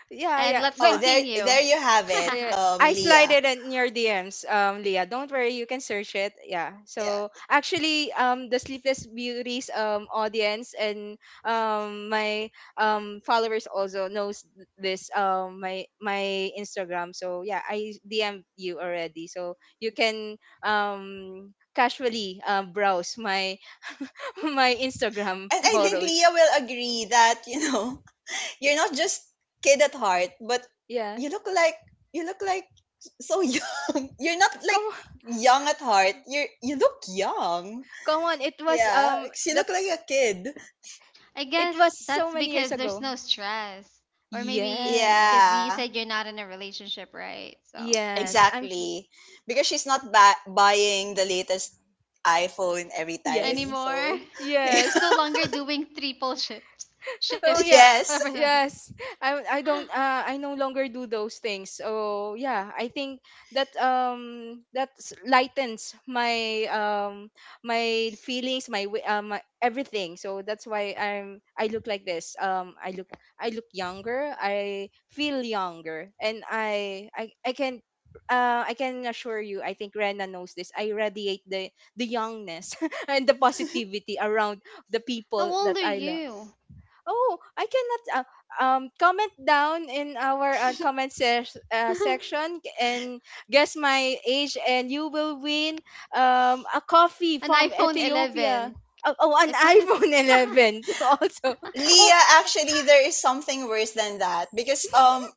[SPEAKER 3] Yeah,
[SPEAKER 2] And
[SPEAKER 3] yeah.
[SPEAKER 2] let's
[SPEAKER 1] oh
[SPEAKER 3] Don't.
[SPEAKER 1] there
[SPEAKER 2] continue.
[SPEAKER 1] there you have it
[SPEAKER 3] Uh,
[SPEAKER 1] um
[SPEAKER 3] I slide
[SPEAKER 1] Leah.
[SPEAKER 3] it in your D Ms, um, Leah. Don't worry, you can search it. Yeah.
[SPEAKER 1] Yeah.
[SPEAKER 3] So actually, um, the Sleepless Beauties um audience and um my um followers also knows th- this um my my Instagram. So yeah, I D M you already, so you can um casually um browse my my Instagram
[SPEAKER 1] And I think
[SPEAKER 3] photos.
[SPEAKER 1] leah will agree that you know you're not just kid at heart but
[SPEAKER 3] Yeah.
[SPEAKER 1] you look like you look like so young. You're not like
[SPEAKER 3] Come on,
[SPEAKER 1] young at heart. You you look young.
[SPEAKER 3] come on. It was
[SPEAKER 1] Yeah,
[SPEAKER 3] um
[SPEAKER 1] she look like
[SPEAKER 3] that's
[SPEAKER 1] a kid.
[SPEAKER 2] I
[SPEAKER 3] It
[SPEAKER 2] guess
[SPEAKER 3] was so
[SPEAKER 2] that's
[SPEAKER 3] many years
[SPEAKER 2] because there's
[SPEAKER 3] ago.
[SPEAKER 2] no stress, or maybe
[SPEAKER 3] Yes.
[SPEAKER 2] because you
[SPEAKER 1] Yeah,
[SPEAKER 2] said you're not in a relationship, right? So
[SPEAKER 3] Yes. I'm s-
[SPEAKER 1] exactly. Because she's not ba- buying the latest iPhone every
[SPEAKER 3] yes.
[SPEAKER 1] time.
[SPEAKER 2] anymore,
[SPEAKER 1] So,
[SPEAKER 2] she's
[SPEAKER 3] Yes.
[SPEAKER 2] no longer doing triple shifts,
[SPEAKER 3] Oh
[SPEAKER 2] shifts,
[SPEAKER 3] yeah.
[SPEAKER 1] yes.
[SPEAKER 2] whatever that is.
[SPEAKER 3] Yes. I I don't uh I no longer do those things. So yeah, I think that um that s- lightens my um my feelings, my wi- uh, my everything. So that's why I'm I look like this. Um I look I look younger. I feel younger and I I I can uh, I can assure you, I think Rena knows this. I radiate the the youngness and the positivity around the
[SPEAKER 2] How
[SPEAKER 3] people that
[SPEAKER 2] old are
[SPEAKER 3] I love.
[SPEAKER 2] you?
[SPEAKER 3] Oh, I cannot uh, um comment down in our uh, comment se- uh, section and guess my age and you will win um a coffee
[SPEAKER 2] An
[SPEAKER 3] from
[SPEAKER 2] iPhone eleven.
[SPEAKER 3] Ethiopia. Oh, oh
[SPEAKER 2] I
[SPEAKER 3] an
[SPEAKER 2] thought it.
[SPEAKER 3] iPhone eleven also. Oh,
[SPEAKER 1] Leah, actually there is something worse than that because um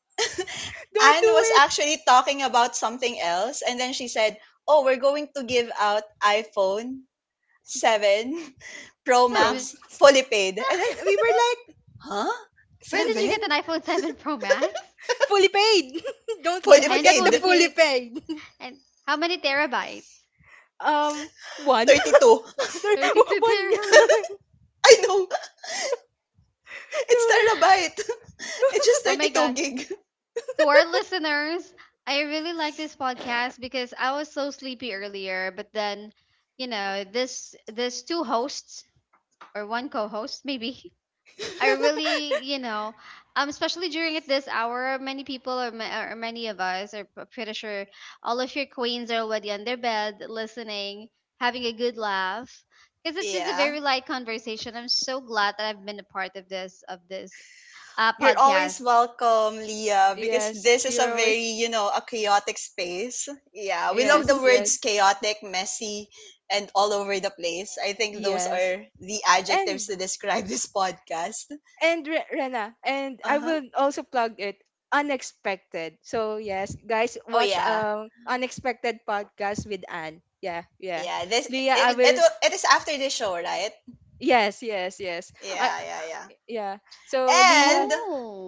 [SPEAKER 3] don't
[SPEAKER 1] Anne
[SPEAKER 3] do
[SPEAKER 1] was
[SPEAKER 3] it.
[SPEAKER 1] actually talking about something else and then she said, "Oh, we're going to give out iPhone seven Pro
[SPEAKER 3] Prom.
[SPEAKER 2] Seven.
[SPEAKER 1] Max fully paid." And then we were like, huh?
[SPEAKER 2] Where did you
[SPEAKER 1] Seven?
[SPEAKER 2] get an iPhone seven Pro Max?
[SPEAKER 3] Fully paid. Don't
[SPEAKER 2] You
[SPEAKER 1] Fully
[SPEAKER 2] and
[SPEAKER 3] forget the
[SPEAKER 2] fully
[SPEAKER 1] paid?
[SPEAKER 3] fully
[SPEAKER 2] paid.
[SPEAKER 3] paid.
[SPEAKER 2] And how many terabytes?
[SPEAKER 3] Um One.
[SPEAKER 1] thirty two.
[SPEAKER 3] There-
[SPEAKER 2] thirty-two
[SPEAKER 3] one.
[SPEAKER 2] terabytes.
[SPEAKER 1] I know. It's
[SPEAKER 3] No.
[SPEAKER 1] terabyte. It's just
[SPEAKER 2] Oh my
[SPEAKER 1] thirty two
[SPEAKER 2] god.
[SPEAKER 1] gig.
[SPEAKER 2] To our listeners, I really like this podcast because I was so sleepy earlier, but then, you know, this this two hosts or one co-host maybe are really, you know, um, especially during at this hour, many people or, ma- or many of us are p- pretty sure all of your queens are already on their bed listening, having a good laugh. Because it's just a
[SPEAKER 1] Yeah.
[SPEAKER 2] very light conversation. I'm so glad that I've been a part of this of this uh,
[SPEAKER 1] You're always
[SPEAKER 2] podcast.
[SPEAKER 1] welcome, Leah, because
[SPEAKER 3] Yes,
[SPEAKER 1] this is a
[SPEAKER 3] you're always
[SPEAKER 1] very, you know, a chaotic space. Yeah. We love
[SPEAKER 3] yes,
[SPEAKER 1] the words
[SPEAKER 3] yes.
[SPEAKER 1] chaotic, messy, and all over the place. I think those
[SPEAKER 3] Yes.
[SPEAKER 1] are the
[SPEAKER 3] And
[SPEAKER 1] adjectives to describe this podcast.
[SPEAKER 3] and Re- Rena, and I
[SPEAKER 1] Uh huh.
[SPEAKER 3] will also plug it. Unexpected. So yes, guys,
[SPEAKER 1] Oh,
[SPEAKER 3] watch
[SPEAKER 1] yeah.
[SPEAKER 3] um Unexpected podcast with Anne. Yeah, yeah.
[SPEAKER 1] Yeah, this
[SPEAKER 3] Leah, I
[SPEAKER 1] it
[SPEAKER 2] I,
[SPEAKER 1] it
[SPEAKER 3] will.
[SPEAKER 1] wa- it is after the show, right?
[SPEAKER 3] Yes, yes, yes. I
[SPEAKER 1] Yeah, yeah, yeah.
[SPEAKER 3] yeah. So Leah,
[SPEAKER 1] And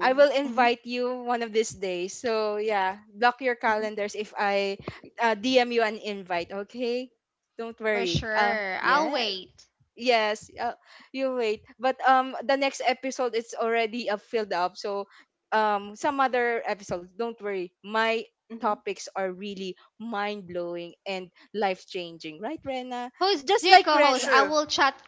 [SPEAKER 3] I will
[SPEAKER 1] mhm,
[SPEAKER 3] invite you one of these days. So yeah, block your
[SPEAKER 1] mhm,
[SPEAKER 3] calendars if I uh, D M you an invite. Okay, don't
[SPEAKER 2] for
[SPEAKER 3] worry. Uh,
[SPEAKER 2] sure.
[SPEAKER 1] mhm,
[SPEAKER 2] I'll
[SPEAKER 3] yeah.
[SPEAKER 2] wait.
[SPEAKER 3] Yes, uh, you wait. But um the next episode it's already uh, filled up. So um some other episodes, don't worry. My
[SPEAKER 1] mhm,
[SPEAKER 3] topics are really mind-blowing and life-changing, right, Rena?
[SPEAKER 2] Who's
[SPEAKER 3] Just
[SPEAKER 2] your
[SPEAKER 3] like
[SPEAKER 2] co-host?
[SPEAKER 3] Ren.
[SPEAKER 2] I
[SPEAKER 1] sure.
[SPEAKER 2] will chat.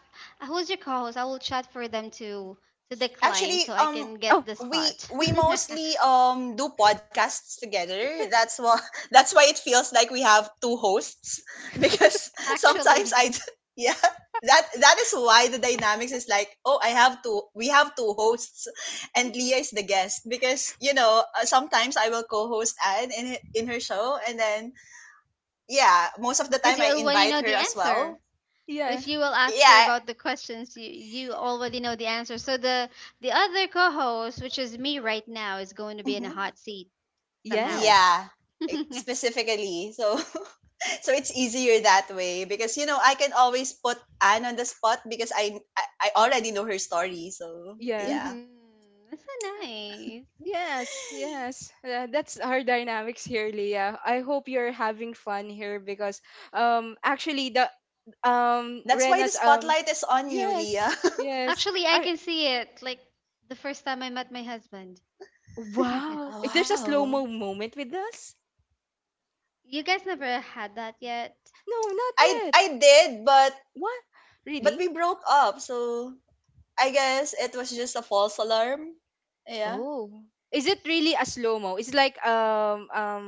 [SPEAKER 2] Who's your co-host? I will chat for them to to
[SPEAKER 1] Actually,
[SPEAKER 2] decline so I
[SPEAKER 1] um,
[SPEAKER 2] can
[SPEAKER 3] Oh,
[SPEAKER 2] get the
[SPEAKER 1] we
[SPEAKER 2] spot.
[SPEAKER 1] we mostly um do podcasts together. That's why that's why it feels like we have two hosts because sometimes
[SPEAKER 2] Actually,
[SPEAKER 1] I d- yeah, that that is why the dynamics is like, oh, I have two we have two hosts and Leah is the guest because you know uh, sometimes I will co-host Anne in her- in her show, and then yeah, most of the
[SPEAKER 2] because
[SPEAKER 1] time
[SPEAKER 2] you
[SPEAKER 1] I
[SPEAKER 2] already
[SPEAKER 1] invite
[SPEAKER 2] know
[SPEAKER 1] her
[SPEAKER 2] the
[SPEAKER 1] as
[SPEAKER 2] answer.
[SPEAKER 1] well.
[SPEAKER 3] yeah.
[SPEAKER 2] If you will ask her
[SPEAKER 1] Yeah,
[SPEAKER 2] about the questions, you, you already know the answer. So the the other co-host, which is me right now, is going to be in a
[SPEAKER 1] mhm.
[SPEAKER 2] hot seat somehow.
[SPEAKER 3] Yes.
[SPEAKER 1] Yeah. eh,
[SPEAKER 2] hmm
[SPEAKER 1] Specifically. So so it's easier that way because you know, I can always put Anne on the spot because I I, I already know her story. So,
[SPEAKER 3] Yeah.
[SPEAKER 1] yeah.
[SPEAKER 2] That's so nice.
[SPEAKER 3] Yes, yes. Uh, that's our dynamics here, Leah. I hope you're having fun here because um actually the um
[SPEAKER 1] That's why the
[SPEAKER 3] Rena's um
[SPEAKER 1] spotlight is on you,
[SPEAKER 3] yes,
[SPEAKER 1] Leah.
[SPEAKER 3] yes.
[SPEAKER 2] Actually, I
[SPEAKER 3] I,
[SPEAKER 2] can see it. Like the first time I met my husband.
[SPEAKER 3] Wow.
[SPEAKER 1] Oh,
[SPEAKER 3] There's a
[SPEAKER 1] wow.
[SPEAKER 3] slow-mo moment with us?
[SPEAKER 2] You guys never had that yet.
[SPEAKER 3] No, not
[SPEAKER 1] I
[SPEAKER 3] yet.
[SPEAKER 1] I did, but
[SPEAKER 3] What?
[SPEAKER 1] but
[SPEAKER 3] Really?
[SPEAKER 1] we broke up. So, I guess it was just a false alarm. Yeah.
[SPEAKER 3] Oh. Is it really a slow-mo? It's like um um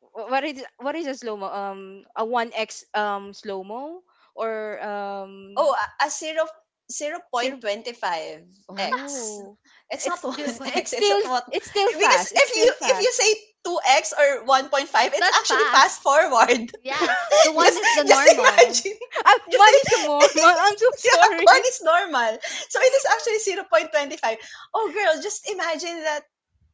[SPEAKER 3] wh- what is what is a slow-mo? Um a one x um slow-mo or um
[SPEAKER 1] Oh, a a zero
[SPEAKER 3] zero.
[SPEAKER 1] zero point two five x.
[SPEAKER 3] Oh.
[SPEAKER 1] It's not
[SPEAKER 3] It's
[SPEAKER 2] Zero
[SPEAKER 3] it's
[SPEAKER 2] point.
[SPEAKER 3] it's
[SPEAKER 1] one x, it's not
[SPEAKER 3] still,
[SPEAKER 1] what.
[SPEAKER 3] it's still
[SPEAKER 1] Because
[SPEAKER 3] fast. It's
[SPEAKER 1] if you
[SPEAKER 3] still
[SPEAKER 1] if you
[SPEAKER 3] fast.
[SPEAKER 1] say two x or one point five, it's
[SPEAKER 2] That's
[SPEAKER 1] actually
[SPEAKER 2] fast.
[SPEAKER 1] fast forward.
[SPEAKER 2] Yeah, the one
[SPEAKER 1] just
[SPEAKER 2] is the
[SPEAKER 1] just
[SPEAKER 2] normal.
[SPEAKER 1] imagine.
[SPEAKER 3] Ah,
[SPEAKER 1] Just
[SPEAKER 3] man is a
[SPEAKER 1] i-
[SPEAKER 3] Mormon. I'm so
[SPEAKER 1] yeah, one
[SPEAKER 3] sorry.
[SPEAKER 1] is normal. So it is actually zero point 0.25. Oh girl, just imagine that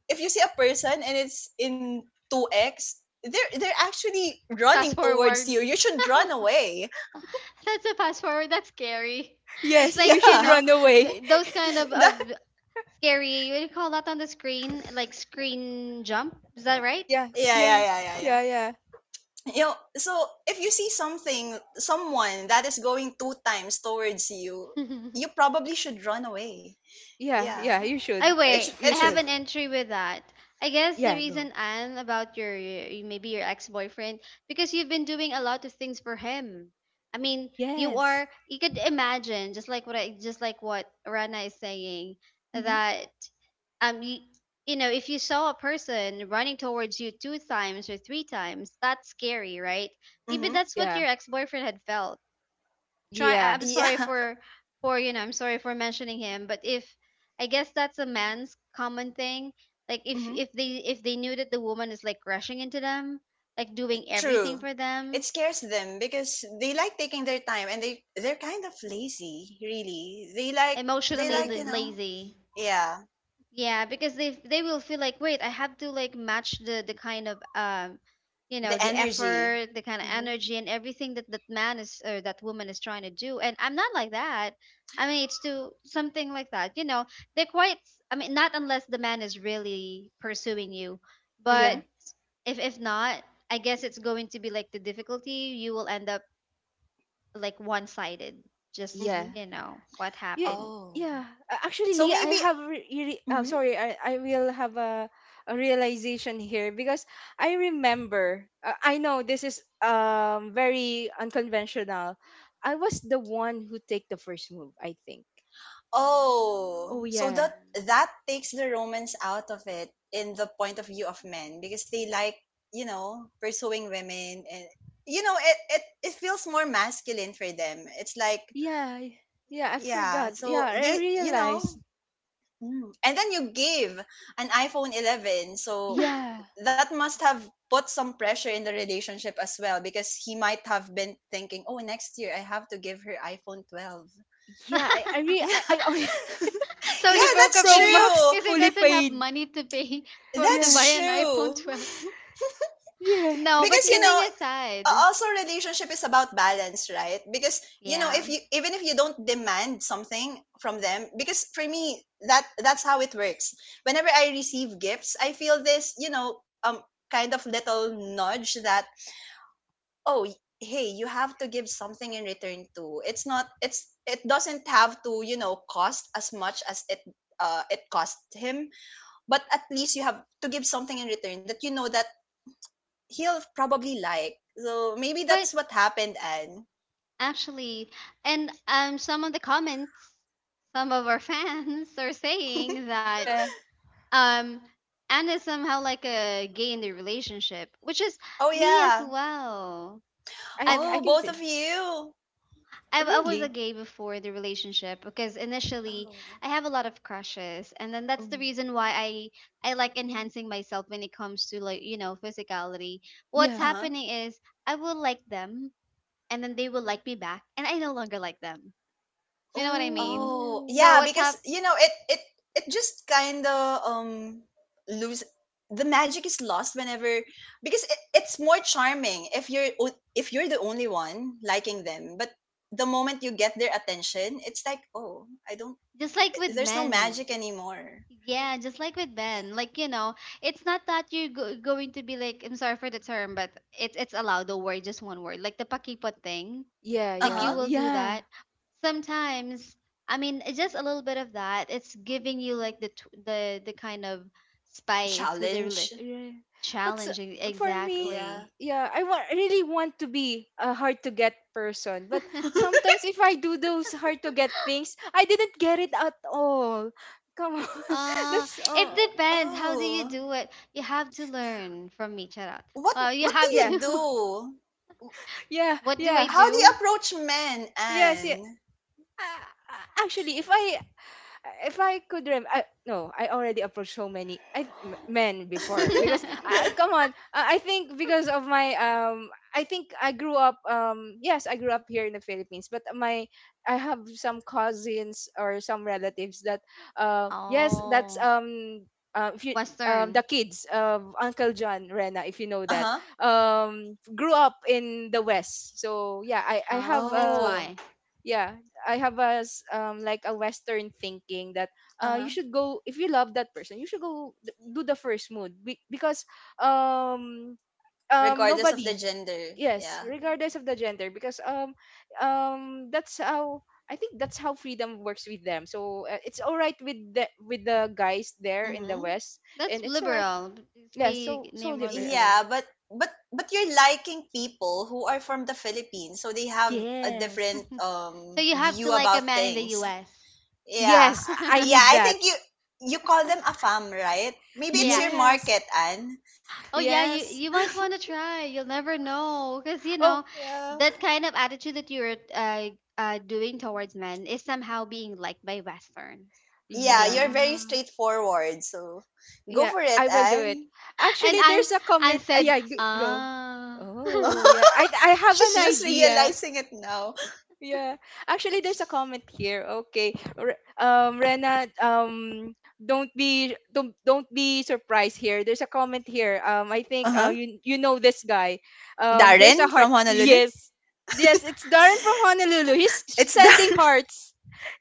[SPEAKER 1] if you see a person and it's in two x, they're they're actually running
[SPEAKER 2] Fast
[SPEAKER 1] towards
[SPEAKER 2] forward.
[SPEAKER 1] you. You should run away.
[SPEAKER 2] That's a fast forward. That's scary. It's
[SPEAKER 3] Yes, you
[SPEAKER 2] like, you
[SPEAKER 3] should
[SPEAKER 1] Yeah.
[SPEAKER 2] know,
[SPEAKER 3] run
[SPEAKER 2] th-
[SPEAKER 3] away.
[SPEAKER 2] those kind of, of
[SPEAKER 1] That,
[SPEAKER 2] scary, what do you call that on the screen? Like screen jump. Is that right?
[SPEAKER 3] Yeah,
[SPEAKER 1] yeah,
[SPEAKER 3] yeah,
[SPEAKER 1] yeah, yeah, yeah,
[SPEAKER 3] yeah,
[SPEAKER 1] yeah.
[SPEAKER 3] yeah.
[SPEAKER 1] You know, so if you see something, someone that is going two times towards you, you probably should run away,
[SPEAKER 3] Yeah,
[SPEAKER 1] yeah.
[SPEAKER 3] yeah, you should.
[SPEAKER 2] I
[SPEAKER 3] I sh-
[SPEAKER 1] it's
[SPEAKER 2] wait.
[SPEAKER 3] you
[SPEAKER 2] I
[SPEAKER 1] it's
[SPEAKER 3] should.
[SPEAKER 2] have an entry with that. I
[SPEAKER 3] Oh,
[SPEAKER 2] guess
[SPEAKER 3] yeah,
[SPEAKER 2] the
[SPEAKER 3] go.
[SPEAKER 2] reason Anne about your your- maybe your ex-boyfriend because you've been doing a lot of things for him. I mean, you
[SPEAKER 3] Yes.
[SPEAKER 2] are you could imagine just like what I just like what Rana is saying
[SPEAKER 1] mm-hmm,
[SPEAKER 2] that um you, you know, if you saw a person running towards you two times or three times, that's scary, right? Maybe
[SPEAKER 1] mm-hmm,
[SPEAKER 2] that's
[SPEAKER 3] Yeah.
[SPEAKER 2] what your ex-boyfriend had felt. try I-
[SPEAKER 3] Yeah.
[SPEAKER 2] I'm sorry
[SPEAKER 1] yeah.
[SPEAKER 2] for for you know I'm sorry for mentioning him, but if I guess that's a man's common thing, like if
[SPEAKER 1] Mm-hmm,
[SPEAKER 2] if they if they knew that the woman is like rushing into them, like doing everything
[SPEAKER 1] true.
[SPEAKER 2] for them.
[SPEAKER 1] It scares them because they like taking their time, and they they're kind of lazy, really. They like, they
[SPEAKER 2] Emotionally
[SPEAKER 1] like,
[SPEAKER 2] la-
[SPEAKER 1] you
[SPEAKER 3] Oh,
[SPEAKER 1] know,
[SPEAKER 2] lazy.
[SPEAKER 1] yeah.
[SPEAKER 2] Yeah, because they they will feel like, wait, I have to like match the the kind of um, you
[SPEAKER 1] The
[SPEAKER 2] know, the
[SPEAKER 1] energy,
[SPEAKER 2] effort, the kind of
[SPEAKER 1] mm-hmm,
[SPEAKER 2] energy and everything that that man is or that woman is trying to do. And I'm not like that. I mean, it's to something like that. You know, they're quite. I mean, not unless the man is really pursuing you,
[SPEAKER 1] mm-hmm,
[SPEAKER 3] yeah.
[SPEAKER 2] but if if not, I guess it's going to be like the difficulty. You will end up like one sided. Just
[SPEAKER 3] Yeah.
[SPEAKER 1] mm-hmm.
[SPEAKER 2] you know what
[SPEAKER 3] Yeah.
[SPEAKER 2] happened.
[SPEAKER 1] Oh,
[SPEAKER 3] Yeah. Uh, actually,
[SPEAKER 1] so
[SPEAKER 3] Lee, I
[SPEAKER 1] maybe
[SPEAKER 3] have re- re- uh,
[SPEAKER 1] mhm.
[SPEAKER 3] sorry, I, I will have a, a realization here because I remember uh, I know this is um very unconventional. I was the one who take the first move, I think.
[SPEAKER 1] Oh,
[SPEAKER 3] Oh
[SPEAKER 1] so
[SPEAKER 3] yeah.
[SPEAKER 1] that that takes the romance out of it in the point of view of men, because they like, you know, pursuing women, and you know, it it it feels more masculine for them. It's like,
[SPEAKER 3] Yeah. Yeah, I
[SPEAKER 1] yeah,
[SPEAKER 3] forgot. Yeah,
[SPEAKER 1] so
[SPEAKER 3] I I
[SPEAKER 1] they, you know,
[SPEAKER 3] realized.
[SPEAKER 1] mm, and then you gave an iPhone eleven, so
[SPEAKER 3] Yeah,
[SPEAKER 1] that must have put some pressure in the relationship as well, because he might have been thinking, "Oh, next year I have to give her iPhone twelve."
[SPEAKER 3] yeah, I, I
[SPEAKER 2] Mm.
[SPEAKER 3] really,
[SPEAKER 1] Yeah.
[SPEAKER 3] I, I
[SPEAKER 2] So he
[SPEAKER 1] Yeah,
[SPEAKER 2] broke up
[SPEAKER 1] that's
[SPEAKER 2] with
[SPEAKER 3] Pro
[SPEAKER 2] you
[SPEAKER 1] true.
[SPEAKER 3] Max
[SPEAKER 2] because he
[SPEAKER 3] fully
[SPEAKER 2] doesn't have
[SPEAKER 3] paid.
[SPEAKER 2] money to pay for to
[SPEAKER 3] Yeah,
[SPEAKER 2] buy
[SPEAKER 1] That's
[SPEAKER 2] an iPhone
[SPEAKER 1] true.
[SPEAKER 2] twelve.
[SPEAKER 3] yeah,
[SPEAKER 2] No, but
[SPEAKER 1] Because you
[SPEAKER 3] yeah,
[SPEAKER 2] kidding
[SPEAKER 1] know, a-
[SPEAKER 2] aside,
[SPEAKER 1] also, relationship is about balance, right? Because you know,
[SPEAKER 2] yeah.
[SPEAKER 1] if you, even if you don't demand something from them, because for me that that's how it works. Whenever I receive gifts, I feel this, you know, um kind of little nudge that, oh, y- hey, you have to give something in return too. It's not, it's it doesn't have to, you know, cost as much as it uh, it cost him, but at least you have to give something in return that you know that he'll probably like. So maybe that's
[SPEAKER 2] But
[SPEAKER 1] what happened, Anne.
[SPEAKER 2] actually, and um, some of the comments, some of our fans are saying that
[SPEAKER 3] yeah.
[SPEAKER 2] um, Anna is somehow like a gay in the relationship, which is
[SPEAKER 1] Oh
[SPEAKER 2] me as
[SPEAKER 1] yeah.
[SPEAKER 2] well.
[SPEAKER 3] I,
[SPEAKER 2] I've
[SPEAKER 3] I
[SPEAKER 1] Oh,
[SPEAKER 3] can
[SPEAKER 1] both
[SPEAKER 3] feel.
[SPEAKER 1] of you.
[SPEAKER 2] I, I was a
[SPEAKER 3] Really?
[SPEAKER 2] gay before the relationship because initially
[SPEAKER 1] Oh.
[SPEAKER 2] I have a lot of crushes, and then that's
[SPEAKER 3] Oh,
[SPEAKER 2] the reason why I I like enhancing myself when it comes to like you know physicality. What's
[SPEAKER 3] yeah.
[SPEAKER 1] Uh-huh.
[SPEAKER 2] happening is I will like them, and then they will like me back, and I no longer like them. You know what I mean?
[SPEAKER 1] Oh,
[SPEAKER 2] So
[SPEAKER 1] yeah,
[SPEAKER 3] Oh,
[SPEAKER 2] what's
[SPEAKER 1] because
[SPEAKER 2] up?
[SPEAKER 1] you know, it it it just kind of um lose, the magic is lost whenever, because it, it's more charming if you're o- if you're the only one liking them, but the moment you get their attention, it's like, "Oh, I don't,
[SPEAKER 2] Just like with
[SPEAKER 1] there's no magic
[SPEAKER 2] men.
[SPEAKER 1] anymore."
[SPEAKER 2] Yeah, just like with
[SPEAKER 1] Yeah.
[SPEAKER 2] men, like you know, it's not that you're go- going to be like I'm sorry for the term, but it's it's allowed the word just one word, like the pakipot thing,
[SPEAKER 3] yeah,
[SPEAKER 2] like you
[SPEAKER 3] yeah,
[SPEAKER 1] Uh-huh.
[SPEAKER 2] will do
[SPEAKER 3] yeah.
[SPEAKER 2] that sometimes. I mean, it's just a little bit of that. It's giving you like the tw- the the kind of spice with the rela-
[SPEAKER 1] Challenge.
[SPEAKER 3] Yeah. But s-
[SPEAKER 2] challenging
[SPEAKER 3] for me,
[SPEAKER 1] Yeah.
[SPEAKER 2] exactly.
[SPEAKER 3] yeah, I want, I really want to be a hard to get person. But sometimes if I do those hard to get things, I didn't get it at all. Come on,
[SPEAKER 2] uh
[SPEAKER 3] that's
[SPEAKER 2] it
[SPEAKER 3] oh,
[SPEAKER 2] depends how do you
[SPEAKER 1] Oh,
[SPEAKER 2] do it. You have to learn from me, Charat.
[SPEAKER 1] what
[SPEAKER 2] Uh
[SPEAKER 1] what do
[SPEAKER 2] you have
[SPEAKER 1] you
[SPEAKER 3] yeah,
[SPEAKER 2] to.
[SPEAKER 1] do?
[SPEAKER 3] yeah,
[SPEAKER 2] What do I
[SPEAKER 3] yeah.
[SPEAKER 1] How do you
[SPEAKER 2] do?
[SPEAKER 1] approach men,
[SPEAKER 3] Yes, yeah.
[SPEAKER 1] Anne?
[SPEAKER 3] Uh, actually, if I if I could rem uh, no, I already approached so many I, m- men before because uh, come on, uh, I think because of my um I think I grew up um yes, I grew up here in the Philippines, but my I have some cousins or some relatives that uh yes, that's
[SPEAKER 2] oh
[SPEAKER 3] um uh, if you um,
[SPEAKER 2] Western.
[SPEAKER 3] the kids of Uncle John Rena, if you know
[SPEAKER 1] Uh-huh.
[SPEAKER 3] that, um, grew up in the West. So yeah, I, I have
[SPEAKER 2] oh that's
[SPEAKER 3] uh
[SPEAKER 1] Oh,
[SPEAKER 2] why.
[SPEAKER 3] yeah, I have a s- um like a western thinking that uh you
[SPEAKER 1] uh-huh.
[SPEAKER 3] should go, if you love that person, you should go th- do the first mood be- because um um
[SPEAKER 1] Regardless of
[SPEAKER 3] nobody.
[SPEAKER 1] the gender.
[SPEAKER 3] Yes,
[SPEAKER 1] Yeah.
[SPEAKER 2] Mhm.
[SPEAKER 3] regardless of the gender, because um um that's how I think, that's how freedom works with them. So uh, it's all right with the with the guys there in the
[SPEAKER 1] Mm-hmm.
[SPEAKER 3] west.
[SPEAKER 2] That's
[SPEAKER 3] And it's all right.
[SPEAKER 2] liberal. Just
[SPEAKER 3] Yeah,
[SPEAKER 2] be
[SPEAKER 3] so so
[SPEAKER 2] near more
[SPEAKER 3] liberal.
[SPEAKER 1] Yeah,
[SPEAKER 2] liberal.
[SPEAKER 1] but but but you're liking people who are from the Philippines, so they have a
[SPEAKER 3] Yes.
[SPEAKER 1] different
[SPEAKER 2] So
[SPEAKER 1] um
[SPEAKER 2] you have
[SPEAKER 1] view
[SPEAKER 2] to like a
[SPEAKER 1] about
[SPEAKER 2] man in the
[SPEAKER 1] things.
[SPEAKER 2] U S.
[SPEAKER 1] Yeah.
[SPEAKER 3] Yes,
[SPEAKER 1] I-
[SPEAKER 3] I
[SPEAKER 1] Yeah,
[SPEAKER 3] need
[SPEAKER 1] I
[SPEAKER 3] that.
[SPEAKER 1] think you you call them a fam, right? Maybe it's
[SPEAKER 2] Yeah.
[SPEAKER 1] your
[SPEAKER 3] Yes.
[SPEAKER 1] market, Anne.
[SPEAKER 2] Oh yeah, you
[SPEAKER 3] Yes.
[SPEAKER 2] you might want to try. You'll never know because you
[SPEAKER 3] Oh,
[SPEAKER 2] know
[SPEAKER 1] Yeah.
[SPEAKER 2] that kind of attitude that you're uh, uh doing towards men is somehow being liked by westerns, to
[SPEAKER 1] Yeah,
[SPEAKER 2] be
[SPEAKER 1] you're
[SPEAKER 2] honest.
[SPEAKER 1] very
[SPEAKER 3] yeah.
[SPEAKER 1] straightforward. So go
[SPEAKER 3] Yeah,
[SPEAKER 1] for
[SPEAKER 3] I
[SPEAKER 1] it,
[SPEAKER 3] will do it.
[SPEAKER 1] Anne.
[SPEAKER 2] And
[SPEAKER 3] Actually,
[SPEAKER 2] I
[SPEAKER 3] there's a
[SPEAKER 2] and
[SPEAKER 3] comment. Uh,
[SPEAKER 2] said,
[SPEAKER 3] yeah, g- go.
[SPEAKER 2] "Ah."
[SPEAKER 3] Oh, yeah. I I have
[SPEAKER 1] She's
[SPEAKER 3] an
[SPEAKER 1] just
[SPEAKER 3] idea.
[SPEAKER 1] realizing it now.
[SPEAKER 3] Yeah. Actually, there's a comment here. Okay. Re- um Rena, um don't be don't don't be surprised here. There's a comment here. Um, I think
[SPEAKER 1] Uh
[SPEAKER 3] uh,
[SPEAKER 1] huh.
[SPEAKER 3] you you know this guy. Um, there's a
[SPEAKER 1] Darren
[SPEAKER 3] heart.
[SPEAKER 1] from Honolulu.
[SPEAKER 3] Yes. Yes, it's Darren from Honolulu. He's
[SPEAKER 1] It's
[SPEAKER 3] sending
[SPEAKER 1] Darren.
[SPEAKER 3] hearts.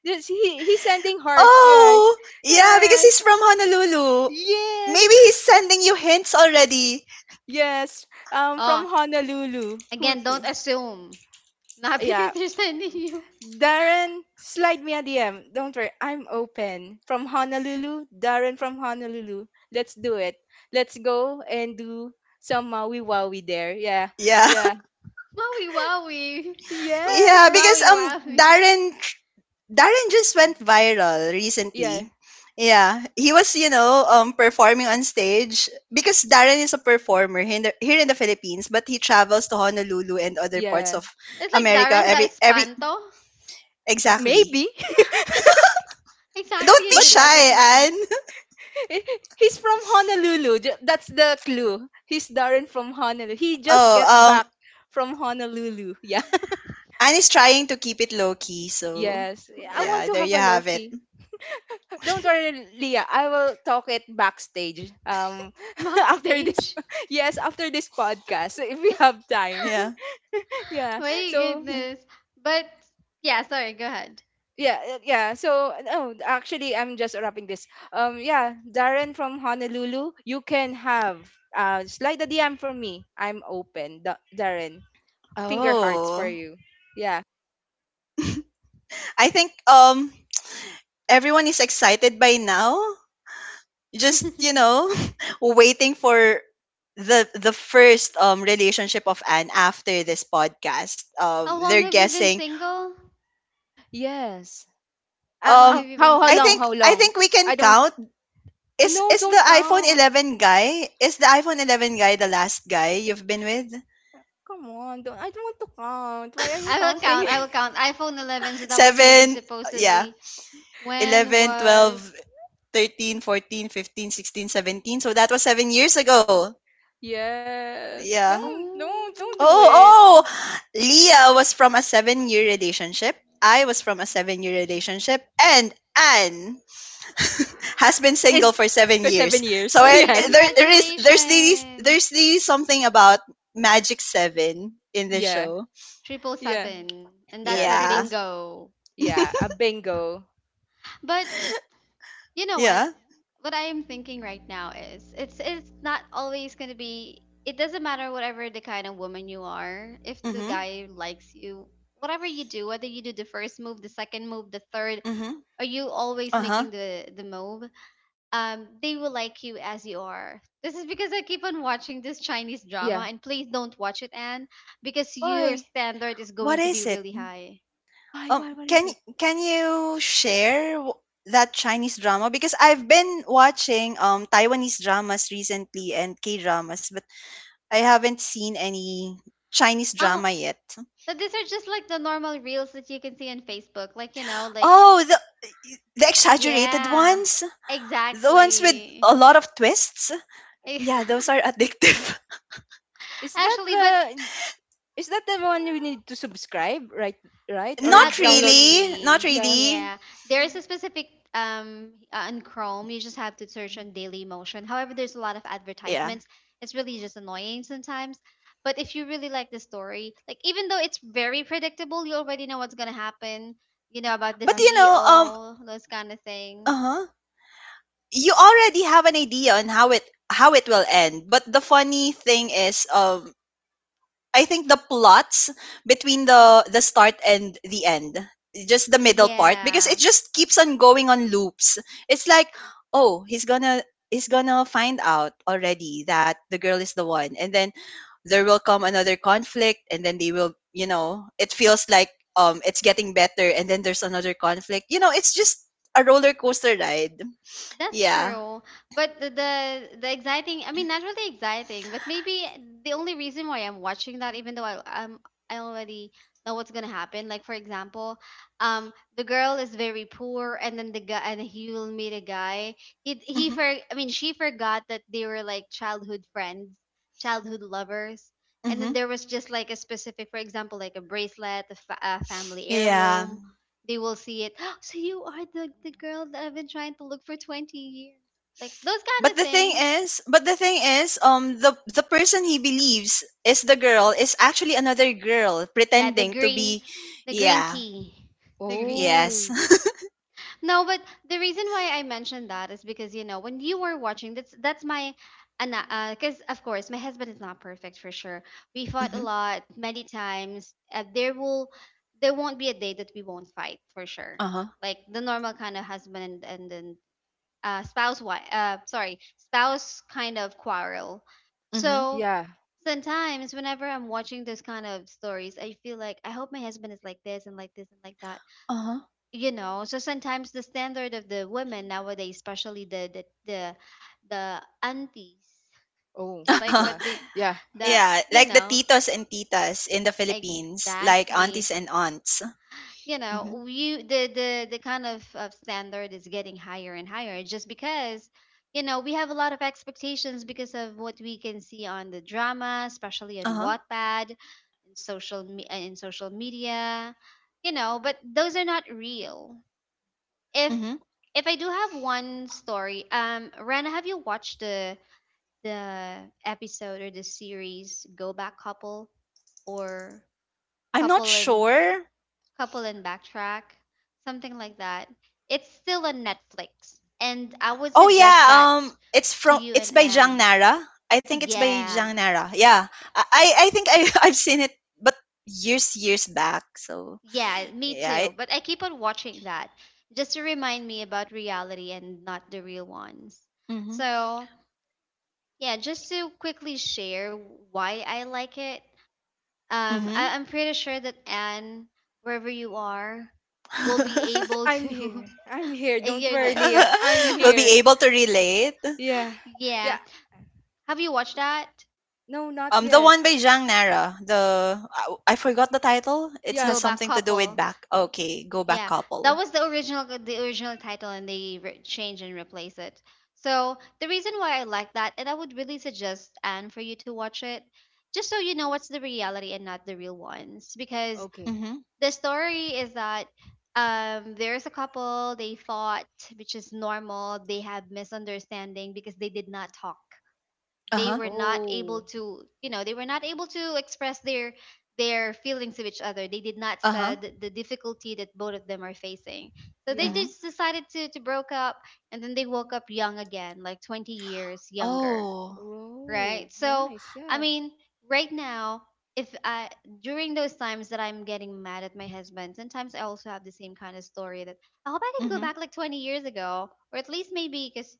[SPEAKER 3] This, he he's sending hearts, right?
[SPEAKER 1] Oh, yeah, because he's
[SPEAKER 3] Yes.
[SPEAKER 1] from Honolulu.
[SPEAKER 3] Yes,
[SPEAKER 1] Maybe he's sending you hints already.
[SPEAKER 3] yes. Um, from
[SPEAKER 2] Oh,
[SPEAKER 3] Honolulu. Who?
[SPEAKER 2] again, don't assume. Not
[SPEAKER 3] Yeah,
[SPEAKER 2] because they're sending you
[SPEAKER 3] Darren, slide me a D M. Don't worry, I'm open. From Honolulu, Darren from Honolulu. Let's do it. Let's go and do some Maui Wowie there. Yeah,
[SPEAKER 1] Yeah,
[SPEAKER 3] yeah,
[SPEAKER 2] Maui Wowie. What
[SPEAKER 1] yeah,
[SPEAKER 2] is
[SPEAKER 3] yes,
[SPEAKER 1] because
[SPEAKER 2] Maui
[SPEAKER 1] um,
[SPEAKER 2] Wowie?
[SPEAKER 1] Darren Darren just went viral
[SPEAKER 3] yeah,
[SPEAKER 1] recently. Yeah, he was, you know, um, performing on stage because Darren is a performer here in, the, here in the Philippines, but he travels to Honolulu and other parts
[SPEAKER 3] yeah.
[SPEAKER 1] of
[SPEAKER 2] It's like
[SPEAKER 1] America
[SPEAKER 2] Darren the
[SPEAKER 1] every every
[SPEAKER 2] Espanto.
[SPEAKER 1] exactly.
[SPEAKER 3] Maybe,
[SPEAKER 1] Don't
[SPEAKER 2] Exactly
[SPEAKER 1] be
[SPEAKER 2] in
[SPEAKER 3] but
[SPEAKER 2] the Dazzle's
[SPEAKER 1] shy,
[SPEAKER 2] main
[SPEAKER 1] Anne.
[SPEAKER 3] he- he's from Honolulu. Ju- That's the clue. He's Darren from Honolulu. He just
[SPEAKER 1] Oh,
[SPEAKER 3] get
[SPEAKER 1] um,
[SPEAKER 3] back from Honolulu. Yeah.
[SPEAKER 1] Anne is trying to keep it low key. So
[SPEAKER 3] Yes, I want
[SPEAKER 1] yeah,
[SPEAKER 3] to
[SPEAKER 1] there
[SPEAKER 3] have
[SPEAKER 1] you
[SPEAKER 3] a
[SPEAKER 1] have it.
[SPEAKER 3] Loki. Don't worry, Leah. I will talk it backstage. Um,
[SPEAKER 2] mock
[SPEAKER 3] after this,
[SPEAKER 2] stage.
[SPEAKER 3] yes, after this podcast, so if we have time.
[SPEAKER 1] Yeah,
[SPEAKER 3] Yeah.
[SPEAKER 2] My
[SPEAKER 3] So
[SPEAKER 1] yeah.
[SPEAKER 2] goodness. But yeah, sorry, go ahead.
[SPEAKER 3] yeah, uh, yeah. So no, actually, I'm just wrapping this. Um, yeah, Darren from Honolulu, you can have uh slide a D M from me. I'm open, Da- Darren. Finger hearts for
[SPEAKER 1] Oh,
[SPEAKER 3] you. Yeah.
[SPEAKER 1] I think um everyone is excited by now, just you know waiting for the the first um relationship of Anne after this podcast. Um,
[SPEAKER 2] How
[SPEAKER 1] they're
[SPEAKER 2] long have you been
[SPEAKER 1] guessing.
[SPEAKER 2] single?
[SPEAKER 3] Yes.
[SPEAKER 2] How
[SPEAKER 3] Ah,
[SPEAKER 2] long
[SPEAKER 1] Um,
[SPEAKER 3] oh,
[SPEAKER 2] have you been
[SPEAKER 3] how how
[SPEAKER 1] I
[SPEAKER 3] long?
[SPEAKER 2] single?
[SPEAKER 1] think
[SPEAKER 3] How
[SPEAKER 1] I
[SPEAKER 3] long?
[SPEAKER 1] think we can
[SPEAKER 3] I don't.
[SPEAKER 1] count.
[SPEAKER 3] Oh,
[SPEAKER 1] Is
[SPEAKER 3] no,
[SPEAKER 1] is the
[SPEAKER 3] don't
[SPEAKER 1] iPhone
[SPEAKER 3] count.
[SPEAKER 1] eleven guy, is the iPhone eleven guy the last guy you've been with?
[SPEAKER 3] Come on, don't. I don't want to count. Why are you
[SPEAKER 2] I will
[SPEAKER 3] counting?
[SPEAKER 2] count. I will count. iPhone eleven, so that was maybe
[SPEAKER 1] Seven, yeah,
[SPEAKER 2] supposedly when
[SPEAKER 1] Eleven,
[SPEAKER 2] was
[SPEAKER 1] twelve, thirteen, fourteen, fifteen, sixteen, seventeen. So that was seven years ago.
[SPEAKER 3] Yes.
[SPEAKER 1] Yeah.
[SPEAKER 3] Don't don't don't do
[SPEAKER 1] Oh,
[SPEAKER 2] Oh.
[SPEAKER 3] it.
[SPEAKER 1] oh! Leah was from a seven year relationship. I was from a seven year relationship. And Anne has been single
[SPEAKER 3] Is
[SPEAKER 1] for seven
[SPEAKER 3] for seven
[SPEAKER 1] years.
[SPEAKER 3] years.
[SPEAKER 1] So it,
[SPEAKER 2] Yay,
[SPEAKER 3] Yes.
[SPEAKER 1] it- there, there is, there's these,
[SPEAKER 2] congratulations.
[SPEAKER 1] there's these something about Magic Seven in the
[SPEAKER 3] Yeah.
[SPEAKER 1] show.
[SPEAKER 2] Triple
[SPEAKER 3] Yeah.
[SPEAKER 2] seven. And
[SPEAKER 3] Yeah.
[SPEAKER 2] that's a
[SPEAKER 1] Yeah.
[SPEAKER 3] Triples.
[SPEAKER 2] bingo.
[SPEAKER 3] Yeah. A bingo.
[SPEAKER 2] But you know what?
[SPEAKER 1] Yeah.
[SPEAKER 2] What I am thinking right now is it's it's not always gonna be it doesn't matter whatever the kind of woman you are, if the
[SPEAKER 1] Mm-hmm.
[SPEAKER 2] guy likes you, whatever you do, whether you do the first move, the second move, the third,
[SPEAKER 1] Mm-hmm.
[SPEAKER 2] are you always
[SPEAKER 1] Uh-huh.
[SPEAKER 2] making the the move? Um, they will like you as you are. This is because I keep on watching this Chinese
[SPEAKER 3] Yeah.
[SPEAKER 2] drama and please don't watch it, Anne, because your
[SPEAKER 3] Why?
[SPEAKER 2] standard is
[SPEAKER 1] What
[SPEAKER 2] going to
[SPEAKER 1] is
[SPEAKER 2] be
[SPEAKER 1] it?
[SPEAKER 2] really high.
[SPEAKER 3] Why?
[SPEAKER 1] Um,
[SPEAKER 3] Why? What is
[SPEAKER 1] can
[SPEAKER 3] it?
[SPEAKER 1] y- can you share w- that Chinese drama? Because I've been watching um Taiwanese dramas recently and K dramas, I haven't seen any Chinese
[SPEAKER 2] Oh,
[SPEAKER 1] drama yet.
[SPEAKER 2] but these are just like the normal reels that you can see on Facebook. Like, you know, like
[SPEAKER 1] Oh, the the exaggerated
[SPEAKER 2] yeah,
[SPEAKER 1] ones, the ones with a
[SPEAKER 2] exactly.
[SPEAKER 1] lot of twists.
[SPEAKER 2] Eh,
[SPEAKER 1] Yeah, those are addictive.
[SPEAKER 3] Is that
[SPEAKER 2] actually, but
[SPEAKER 3] the, is that the one you need to subscribe? Right. Right. Or
[SPEAKER 2] not
[SPEAKER 1] Not
[SPEAKER 3] download?
[SPEAKER 1] really, not
[SPEAKER 2] really.
[SPEAKER 3] Yeah.
[SPEAKER 1] really.
[SPEAKER 2] Yeah, there is a specific um uh, on Chrome. You just have to search on Daily Motion. However, there's a lot of
[SPEAKER 1] Yeah,
[SPEAKER 2] advertisements. It's really just annoying sometimes. But if you really like the story, like even though it's very predictable, you already know what's gonna happen. You know about the
[SPEAKER 1] but
[SPEAKER 3] Yeah.
[SPEAKER 1] you know, um,
[SPEAKER 2] C E O, those kind of
[SPEAKER 1] uh
[SPEAKER 2] thing.
[SPEAKER 1] huh. You already have an idea on how it how it will end, but the funny thing is, um, I think the plots between the the start and the end, just the middle part, because it
[SPEAKER 2] Yeah.
[SPEAKER 1] just keeps on going on loops. It's like, oh, he's gonna, he's gonna find out already that the girl is the one, and then there will come another conflict, and then they will, you know, it feels like um it's getting better, and then there's another conflict. You know, it's just a roller coaster ride.
[SPEAKER 2] That's
[SPEAKER 1] Yeah.
[SPEAKER 2] true. But the, the the exciting, I mean, not really exciting, but maybe the only reason why I'm watching that, even though I I'm, I already know what's gonna happen. Like for example, um, the girl is very poor, and then the guy, and he will meet a guy. He he
[SPEAKER 1] Mm-hmm.
[SPEAKER 2] for, I mean, she forgot that they were like childhood friends, childhood lovers, and
[SPEAKER 1] Mm-hmm.
[SPEAKER 2] then there was just like a specific, for example, like a bracelet, a, fa- a family
[SPEAKER 1] Yeah.
[SPEAKER 2] heirloom they will see it. So you are the the girl that I've been trying to look for twenty years. Like those kind
[SPEAKER 1] But
[SPEAKER 2] of
[SPEAKER 1] the thing
[SPEAKER 2] things.
[SPEAKER 1] is, but the thing is, um, the the person he believes is the girl is actually another girl
[SPEAKER 2] Yeah, the
[SPEAKER 1] pretending to
[SPEAKER 2] green
[SPEAKER 1] be,
[SPEAKER 2] the green
[SPEAKER 1] yeah,
[SPEAKER 2] tea. The green tea.
[SPEAKER 1] yes,
[SPEAKER 3] Oh.
[SPEAKER 2] No, but the reason why I mentioned that is because you know, when you were watching that's that's my and uh, cuz of course my husband is not perfect for sure. We fought a
[SPEAKER 1] mm-hmm.
[SPEAKER 2] lot many times. Uh, there will there won't be a day that we won't fight for sure.
[SPEAKER 1] Uh huh,
[SPEAKER 2] Like the normal kind of husband and, and then uh, spouse wi uh, sorry, spouse kind of quarrel.
[SPEAKER 1] mm-hmm.
[SPEAKER 2] So
[SPEAKER 3] Yeah.
[SPEAKER 2] sometimes whenever I'm watching this kind of stories, I feel like I hope my husband is like this and like this and like that,
[SPEAKER 1] Uh huh,
[SPEAKER 2] you know. So sometimes the standard of the women nowadays, especially the the the, the aunties,
[SPEAKER 3] Oh.
[SPEAKER 2] just like
[SPEAKER 1] uh-huh.
[SPEAKER 3] Yeah.
[SPEAKER 2] what the
[SPEAKER 3] Yeah.
[SPEAKER 2] the
[SPEAKER 1] yeah,
[SPEAKER 2] you
[SPEAKER 1] like the
[SPEAKER 2] know
[SPEAKER 1] titos and titas in the Philippines, like
[SPEAKER 2] exactly
[SPEAKER 1] aunties and aunts.
[SPEAKER 2] you know
[SPEAKER 1] Mm-hmm.
[SPEAKER 2] you the the the kind of, of standard is getting higher and higher just because you know we have a lot of expectations because of what we can see on the drama, especially on
[SPEAKER 1] Uh huh,
[SPEAKER 2] Wattpad in social me- uh, in social media, you know, but those are not real. if
[SPEAKER 1] mm-hmm.
[SPEAKER 2] if I do have one story, um, Rana, have you watched the the episode or the series Go Back Couple or
[SPEAKER 1] I'm not
[SPEAKER 2] Couple in
[SPEAKER 1] sure.
[SPEAKER 2] Couple and Backtrack, something like that. It's still on Netflix, and I would
[SPEAKER 1] Oh
[SPEAKER 2] suggest
[SPEAKER 1] yeah,
[SPEAKER 2] that
[SPEAKER 1] um, it's
[SPEAKER 2] to
[SPEAKER 1] from
[SPEAKER 2] you
[SPEAKER 1] it's
[SPEAKER 2] and
[SPEAKER 1] by Jang
[SPEAKER 2] Anne.
[SPEAKER 1] Nara. I think it's by
[SPEAKER 2] Yeah,
[SPEAKER 1] Jang Nara. Yeah, I I I think I I've seen it, but years years back. So
[SPEAKER 2] yeah, me
[SPEAKER 1] yeah. I,
[SPEAKER 2] too. But I keep on watching that just to remind me about reality and not the real ones.
[SPEAKER 1] mm-hmm.
[SPEAKER 2] So, yeah, just to quickly share why I like it. Um,
[SPEAKER 1] Mm-hmm.
[SPEAKER 2] I, I'm pretty sure that Anne, wherever you are, will be able
[SPEAKER 3] I'm
[SPEAKER 2] to.
[SPEAKER 3] here. I'm here. Don't
[SPEAKER 2] You're
[SPEAKER 3] worry,
[SPEAKER 2] there.
[SPEAKER 3] Leah. I'm
[SPEAKER 1] we'll
[SPEAKER 3] here.
[SPEAKER 1] be able to relate.
[SPEAKER 3] Yeah. Yeah.
[SPEAKER 2] Yeah. Have you watched that?
[SPEAKER 3] No, not
[SPEAKER 1] Um, the
[SPEAKER 3] yet.
[SPEAKER 1] one by Jang Nara. The I, I forgot the title. It has
[SPEAKER 2] Go
[SPEAKER 3] Yeah.
[SPEAKER 2] Back
[SPEAKER 1] something to do with
[SPEAKER 2] Couple.
[SPEAKER 1] back. Okay, Go Back
[SPEAKER 2] Yeah, that
[SPEAKER 1] Couple.
[SPEAKER 2] was the original the original title, and they re- changed and replaced it. So the reason why I like that, and I would really suggest Anne for you to watch it, just so you know what's the reality and not the real ones, because
[SPEAKER 3] Okay.
[SPEAKER 1] Mm-hmm.
[SPEAKER 2] the story is that um there's a couple they fought, which is normal. They have misunderstanding because they did not talk,
[SPEAKER 1] Uh
[SPEAKER 2] they
[SPEAKER 1] huh.
[SPEAKER 2] were not
[SPEAKER 3] Oh.
[SPEAKER 2] able to, you know, they were not able to express their their feelings of each other. They did not
[SPEAKER 1] Uh huh.
[SPEAKER 2] said the difficulty that both of them are facing, so they
[SPEAKER 3] Yeah.
[SPEAKER 1] Mm-hmm.
[SPEAKER 2] just decided to to broke up, and then they woke up young again, like twenty years younger,
[SPEAKER 1] Oh.
[SPEAKER 3] Oh,
[SPEAKER 2] right? So,
[SPEAKER 3] nice.
[SPEAKER 2] I
[SPEAKER 3] Yeah.
[SPEAKER 2] mean, right now, if I, during those times that I'm getting mad at my husband, sometimes I also have the same kind of story that I hope I can go
[SPEAKER 1] Mm-hmm.
[SPEAKER 2] back like twenty years ago, or at least maybe because,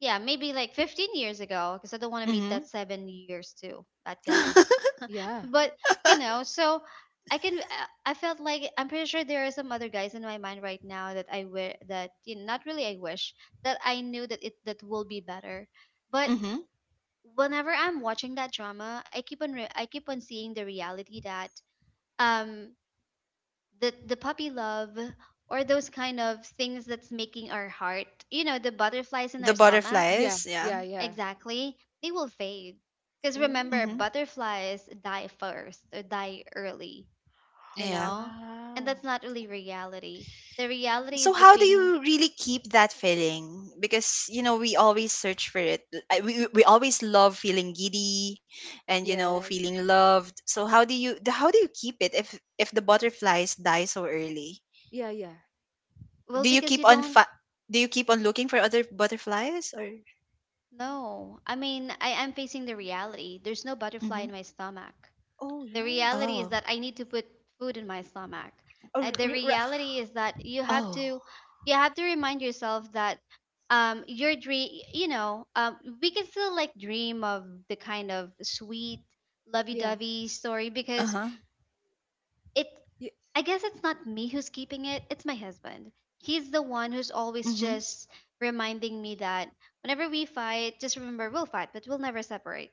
[SPEAKER 2] yeah, maybe like fifteen years ago, because I don't want to meet
[SPEAKER 1] Mm-hmm.
[SPEAKER 2] that seven years too, that guy.
[SPEAKER 3] Yeah.
[SPEAKER 2] But you know, so. I can. I I felt like I'm pretty sure there are some other guys in my mind right now that I wish that, you know, not really I wish that I knew that it that will be better, but
[SPEAKER 1] Mm-hmm.
[SPEAKER 2] whenever I'm watching that drama, I keep on re- I keep on seeing the reality that um the the puppy love, or those kind of things that's making our heart, you know, the butterflies in our
[SPEAKER 1] The
[SPEAKER 2] stomach,
[SPEAKER 3] Yeah.
[SPEAKER 1] butterflies.
[SPEAKER 3] Yeah.
[SPEAKER 1] Yeah.
[SPEAKER 3] Yeah.
[SPEAKER 2] exactly, they will fade. Because
[SPEAKER 3] Oh.
[SPEAKER 2] remember,
[SPEAKER 1] Mm-hmm.
[SPEAKER 2] butterflies die first or die early, you
[SPEAKER 1] Yeah.
[SPEAKER 2] know, and
[SPEAKER 3] Wow.
[SPEAKER 2] that's not really reality. The reality
[SPEAKER 1] So
[SPEAKER 2] is the
[SPEAKER 1] how do
[SPEAKER 2] pain.
[SPEAKER 1] you really keep that feeling? Because you know we always search for it. L- I- We, we always love feeling giddy and you know
[SPEAKER 3] Yes.
[SPEAKER 1] feeling loved. So how do you the- how do you keep it if if the butterflies die so early?
[SPEAKER 3] Yeah. Yeah.
[SPEAKER 2] Well,
[SPEAKER 1] Do you
[SPEAKER 2] because
[SPEAKER 1] keep
[SPEAKER 2] you
[SPEAKER 1] on
[SPEAKER 2] don't
[SPEAKER 1] fa- do you keep on looking for other butterflies? Or
[SPEAKER 2] know. I mean, I am facing the reality. There's no butterfly
[SPEAKER 1] mhm.
[SPEAKER 2] in my stomach.
[SPEAKER 3] Oh,
[SPEAKER 2] The
[SPEAKER 3] yes.
[SPEAKER 2] reality is
[SPEAKER 1] Oh.
[SPEAKER 2] that I need to put food in my stomach.
[SPEAKER 3] Oh,
[SPEAKER 2] Uh,
[SPEAKER 3] r-
[SPEAKER 2] the
[SPEAKER 3] r- r-
[SPEAKER 2] reality is that you have
[SPEAKER 1] Oh.
[SPEAKER 2] to you have to remind yourself that um your dream, you know, um we can still like dream of the kind of sweet
[SPEAKER 3] yeah.
[SPEAKER 2] lovey-dovey story because
[SPEAKER 1] Uh-huh.
[SPEAKER 2] it,
[SPEAKER 3] Yeah.
[SPEAKER 2] I guess it's not me who's keeping it, it's my husband. He's the one who's always
[SPEAKER 1] Mhm.
[SPEAKER 2] just reminding me that whenever we fight, just remember we'll fight, but we'll never separate.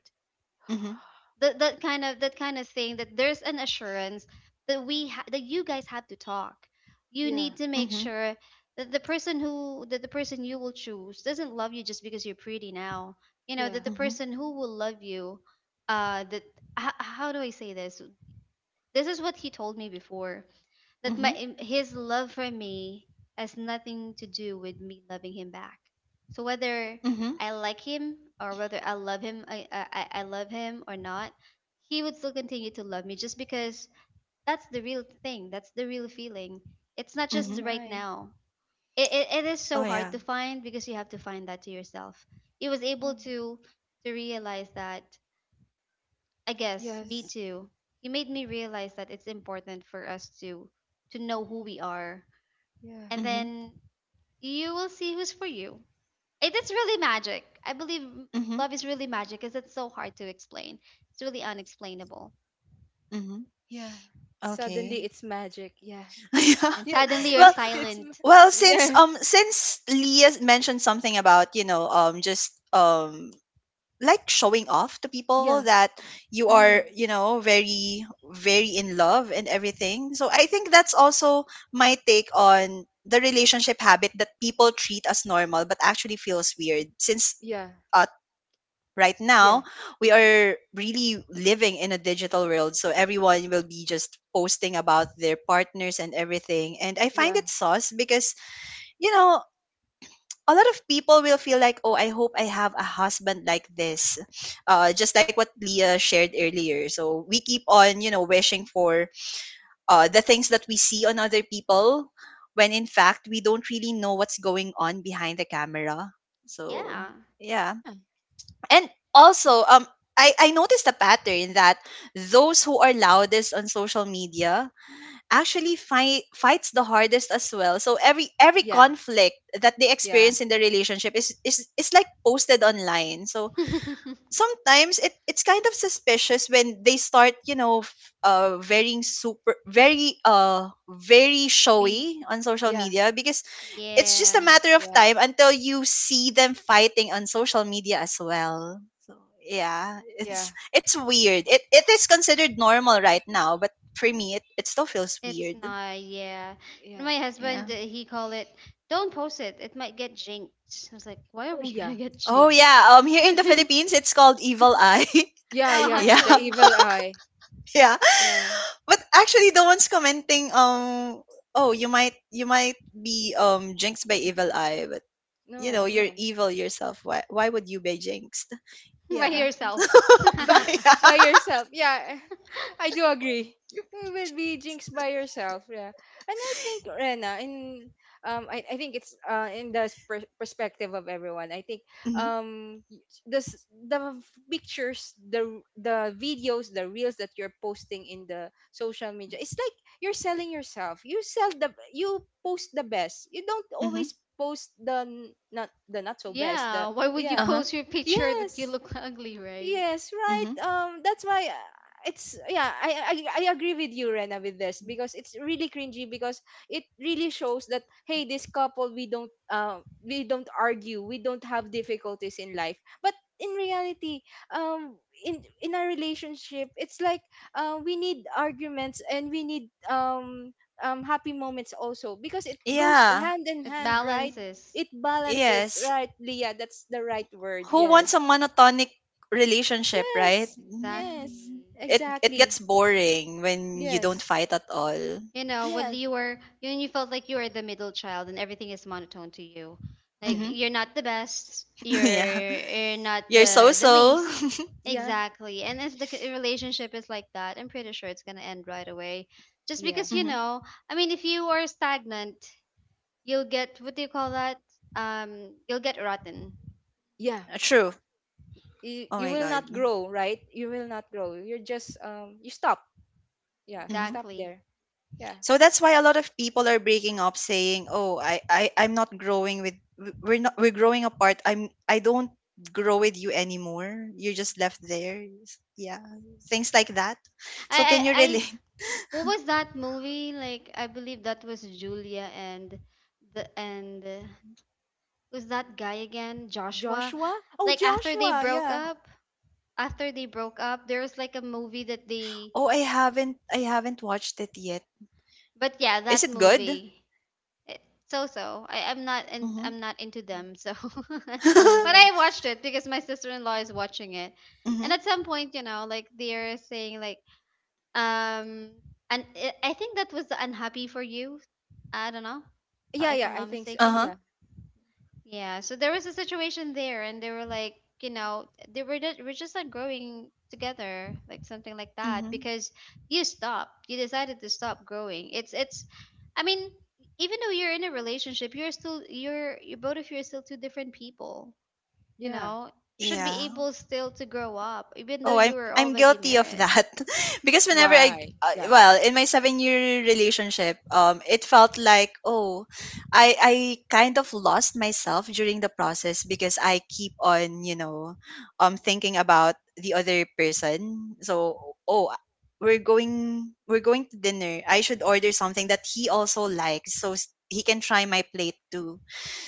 [SPEAKER 1] Mhm.
[SPEAKER 2] That that kind of that kind of thing, that there's an assurance that we ha- that you guys have to talk, you
[SPEAKER 3] Yeah.
[SPEAKER 2] need to make
[SPEAKER 1] Mhm.
[SPEAKER 2] sure that the person who that the person you will choose doesn't love you just because you're pretty now, you know,
[SPEAKER 3] Yeah.
[SPEAKER 2] that the
[SPEAKER 1] Mhm.
[SPEAKER 2] person who will love you, uh that, h- how do I say this, this is what he told me before, that my
[SPEAKER 1] Mhm.
[SPEAKER 2] his love for me has nothing to do with me loving him back. So whether
[SPEAKER 1] Mhm.
[SPEAKER 2] I like him or whether I love him, I I, I I love him or not, he would still continue to love me just because that's the real thing. That's the real feeling. It's not
[SPEAKER 3] Oh,
[SPEAKER 2] just
[SPEAKER 1] Mhm.
[SPEAKER 2] right
[SPEAKER 3] my.
[SPEAKER 2] now. It it, it is
[SPEAKER 1] Oh
[SPEAKER 2] so hard
[SPEAKER 1] yeah.
[SPEAKER 2] to find because you have to find that to yourself. He was able
[SPEAKER 3] Oh,
[SPEAKER 2] to to realize that. I guess me
[SPEAKER 3] yes.
[SPEAKER 2] too. He made me realize that it's important for us to to know who we are,
[SPEAKER 3] Yeah.
[SPEAKER 2] and
[SPEAKER 1] Mhm.
[SPEAKER 2] then you will see who's for you. It is really magic. I believe m-
[SPEAKER 1] Mhm.
[SPEAKER 2] love is really magic because it's so hard to explain. It's really unexplainable.
[SPEAKER 1] Mhm.
[SPEAKER 3] Yeah. Suddenly
[SPEAKER 1] Okay.
[SPEAKER 3] it's magic. Yeah.
[SPEAKER 2] And
[SPEAKER 3] Yeah.
[SPEAKER 2] suddenly you're
[SPEAKER 1] Well,
[SPEAKER 3] It's ma-
[SPEAKER 2] silent.
[SPEAKER 1] well, since
[SPEAKER 3] yeah.
[SPEAKER 1] um since Leah mentioned something about, you know, um just um like showing off to people
[SPEAKER 3] Yeah.
[SPEAKER 1] that you are,
[SPEAKER 2] Hmm.
[SPEAKER 1] you know, very, very in love and everything. So I think that's also my take on the relationship habit that people treat as normal but actually feels weird, since
[SPEAKER 3] Yeah,
[SPEAKER 1] uh, right now
[SPEAKER 3] yeah,
[SPEAKER 1] we are really living in a digital world, so everyone will be just posting about their partners and everything, and I find
[SPEAKER 3] yeah,
[SPEAKER 1] it sauce, because you know, a lot of people will feel like, oh, I hope I have a husband like this. Uh, just like what Leah shared earlier. So we keep on, you know, wishing for uh, the things that we see on other people when in fact we don't really know what's going on behind the camera. So,
[SPEAKER 2] Yeah.
[SPEAKER 1] yeah. And also, um, I, I noticed a pattern that those who are loudest on social media actually fight fights the hardest as well. So every every
[SPEAKER 3] yeah,
[SPEAKER 1] conflict that they
[SPEAKER 3] yeah,
[SPEAKER 1] experience in the relationship is, is is like posted online. So
[SPEAKER 2] Sweet.
[SPEAKER 1] sometimes it it's kind of suspicious when they start, you know, f- uh very super very uh very showy on social
[SPEAKER 3] yeah, yeah,
[SPEAKER 1] media because it's just a
[SPEAKER 2] Yeah.
[SPEAKER 1] matter of
[SPEAKER 3] yeah,
[SPEAKER 1] time until you see them fighting on social media as well. So yeah,
[SPEAKER 3] yeah,
[SPEAKER 1] it's it's weird. It it is considered normal right now, but for me it, it still feels
[SPEAKER 2] It's
[SPEAKER 1] weird.
[SPEAKER 2] not. Yeah.
[SPEAKER 3] yeah.
[SPEAKER 2] My husband,
[SPEAKER 1] Yeah.
[SPEAKER 2] uh, he call it, don't post it. It might get jinxed. I was like, why are
[SPEAKER 3] Oh
[SPEAKER 2] we going
[SPEAKER 3] yeah,
[SPEAKER 2] to get
[SPEAKER 1] Oh
[SPEAKER 2] jinxed?
[SPEAKER 1] yeah, um here in the Philippines it's called evil eye.
[SPEAKER 3] yeah,
[SPEAKER 2] Like, oh,
[SPEAKER 3] yeah.
[SPEAKER 1] Yeah.
[SPEAKER 3] The
[SPEAKER 2] actually,
[SPEAKER 3] evil eye.
[SPEAKER 1] Yeah.
[SPEAKER 3] No,
[SPEAKER 1] But actually the ones commenting um oh you might you might be um jinxed by evil eye, but you know,
[SPEAKER 3] no,
[SPEAKER 1] you're
[SPEAKER 3] no.
[SPEAKER 1] evil yourself. Why why would you be jinxed?
[SPEAKER 2] by
[SPEAKER 3] Yeah,
[SPEAKER 1] Yeah.
[SPEAKER 2] yourself.
[SPEAKER 1] Yeah.
[SPEAKER 3] by yourself. Yeah, I do agree. You will be jinxed by yourself. Yeah, and I think Rena, in um, I, I think it's uh, in the per- perspective of everyone. I think
[SPEAKER 1] Mhm.
[SPEAKER 3] um y- this the f- pictures, the the videos, the reels that you're posting in the social media, it's like you're selling yourself. You sell the, you post the best. You don't always
[SPEAKER 1] Mhm.
[SPEAKER 3] post the n- not the, not so best, the
[SPEAKER 2] Yeah, why would you
[SPEAKER 3] yeah
[SPEAKER 1] Huh.
[SPEAKER 2] post your picture that you
[SPEAKER 3] yes.
[SPEAKER 2] look ugly, right?
[SPEAKER 3] Yes, right.
[SPEAKER 1] Mm-hmm.
[SPEAKER 3] Um, that's why uh, it's yeah. I, I I agree with you, Rena, with this because it's really cringy because it really shows that hey, this couple, we don't um, we don't argue, we don't have difficulties in life. But in reality, um, in in our relationship, it's like uh, we need arguments and we need um um happy moments also because it goes
[SPEAKER 1] Yeah.
[SPEAKER 3] hand in
[SPEAKER 2] It
[SPEAKER 3] hand, right?
[SPEAKER 2] balances.
[SPEAKER 3] It balances,
[SPEAKER 1] Yes.
[SPEAKER 3] right, Leah? That's the right word.
[SPEAKER 1] Who wants
[SPEAKER 3] Yes.
[SPEAKER 1] a monotonic relationship,
[SPEAKER 3] Yes,
[SPEAKER 1] right?
[SPEAKER 2] Exactly.
[SPEAKER 3] yes,
[SPEAKER 1] Mm. It it gets
[SPEAKER 3] exactly.
[SPEAKER 1] boring when you don't
[SPEAKER 3] Yes,
[SPEAKER 1] fight at all.
[SPEAKER 2] You know, when
[SPEAKER 3] yes,
[SPEAKER 2] you were, you you felt like you were the middle child and everything is monotone to you. Like
[SPEAKER 3] yeah,
[SPEAKER 1] Mm.
[SPEAKER 2] you're not the best,
[SPEAKER 1] Yeah.
[SPEAKER 2] you're you're not
[SPEAKER 1] You're so
[SPEAKER 2] the the
[SPEAKER 1] so.
[SPEAKER 2] least.
[SPEAKER 3] yeah,
[SPEAKER 2] Exactly. And if the c- relationship is like that, I'm pretty sure it's gonna end right away. Just
[SPEAKER 3] yeah,
[SPEAKER 2] because, you
[SPEAKER 1] Hmm.
[SPEAKER 2] know, I mean, if you are stagnant, you'll get, what do you call that? Um, you'll get rotten.
[SPEAKER 3] yeah.
[SPEAKER 1] True.
[SPEAKER 3] You,
[SPEAKER 1] Oh
[SPEAKER 3] you
[SPEAKER 1] my
[SPEAKER 3] will
[SPEAKER 1] god.
[SPEAKER 3] not grow, right? You will not grow. You're just, um, you stop. Yeah, you
[SPEAKER 1] Hmm.
[SPEAKER 3] stop
[SPEAKER 2] Exactly.
[SPEAKER 3] there. Yeah.
[SPEAKER 1] So that's why a lot of people are breaking up, saying, "Oh, I, I I'm not growing with w- we're not we're growing apart. I'm I don't grow with you anymore. You're just left there. S- Yeah, things like that. So
[SPEAKER 2] I,
[SPEAKER 1] can you
[SPEAKER 2] I,
[SPEAKER 1] relate?
[SPEAKER 2] what was that movie? Like I believe that was Julia and the and uh, was that guy again, Joshua?
[SPEAKER 3] Joshua? Oh,
[SPEAKER 2] Like after they
[SPEAKER 3] Joshua,
[SPEAKER 2] broke
[SPEAKER 3] yeah.
[SPEAKER 2] up, after they broke up, there was like a movie that they,
[SPEAKER 1] Oh, I haven't I haven't watched it yet.
[SPEAKER 2] but yeah,
[SPEAKER 1] Is
[SPEAKER 2] that
[SPEAKER 1] it good?
[SPEAKER 2] movie. It, so so. I am not and
[SPEAKER 1] Mm-hmm.
[SPEAKER 2] I'm not into them. So, but
[SPEAKER 3] Oh, yeah.
[SPEAKER 2] I watched it because my sister-in-law is watching it. And
[SPEAKER 1] Mm-hmm.
[SPEAKER 2] at some point, you know, like they're saying like, Um, and I I think that was the unhappy for you. I don't know,
[SPEAKER 3] Yeah,
[SPEAKER 2] not- if
[SPEAKER 3] yeah,
[SPEAKER 2] I'm
[SPEAKER 3] I
[SPEAKER 2] not
[SPEAKER 3] think so.
[SPEAKER 1] Uh
[SPEAKER 2] mistaken.
[SPEAKER 1] huh.
[SPEAKER 3] Yeah,
[SPEAKER 2] Yeah. So there was a situation there, and they were like, you know, they were just, we're just not growing together, like something like that,
[SPEAKER 1] Mm-hmm.
[SPEAKER 2] because you stopped. You decided to stop growing. It's it's. I mean, even though you're in a relationship, you're still, you're you, both of you are still two different people. You
[SPEAKER 3] yeah,
[SPEAKER 2] know, should
[SPEAKER 3] yeah.
[SPEAKER 2] be
[SPEAKER 1] Yeah.
[SPEAKER 2] able still to grow up, even though
[SPEAKER 1] Oh,
[SPEAKER 2] you
[SPEAKER 1] I'm
[SPEAKER 2] were
[SPEAKER 1] I'm
[SPEAKER 2] already
[SPEAKER 1] guilty of
[SPEAKER 2] married.
[SPEAKER 1] that because whenever I
[SPEAKER 3] Why?
[SPEAKER 1] uh,
[SPEAKER 3] Yeah,
[SPEAKER 1] well in my seven year relationship, um, it felt like oh, I I kind of lost myself during the process because I keep on, you know, um, thinking about the other person. So oh, we're going we're going to dinner. I should order something that he also likes so s- he can try my plate too,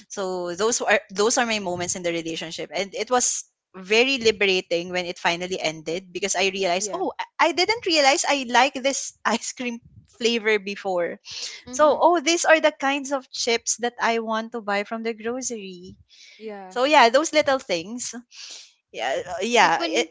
[SPEAKER 1] so those are those are my moments in the relationship, and it was very liberating when it finally ended because I realized,
[SPEAKER 3] yeah,
[SPEAKER 1] oh, I I didn't realize I like this ice cream flavor before. So
[SPEAKER 2] Mm-hmm.
[SPEAKER 1] oh, these are the kinds of chips that I want to buy from the grocery.
[SPEAKER 3] yeah,
[SPEAKER 1] So yeah, those little things. Yeah, uh,
[SPEAKER 2] Like
[SPEAKER 1] yeah. It,
[SPEAKER 2] when,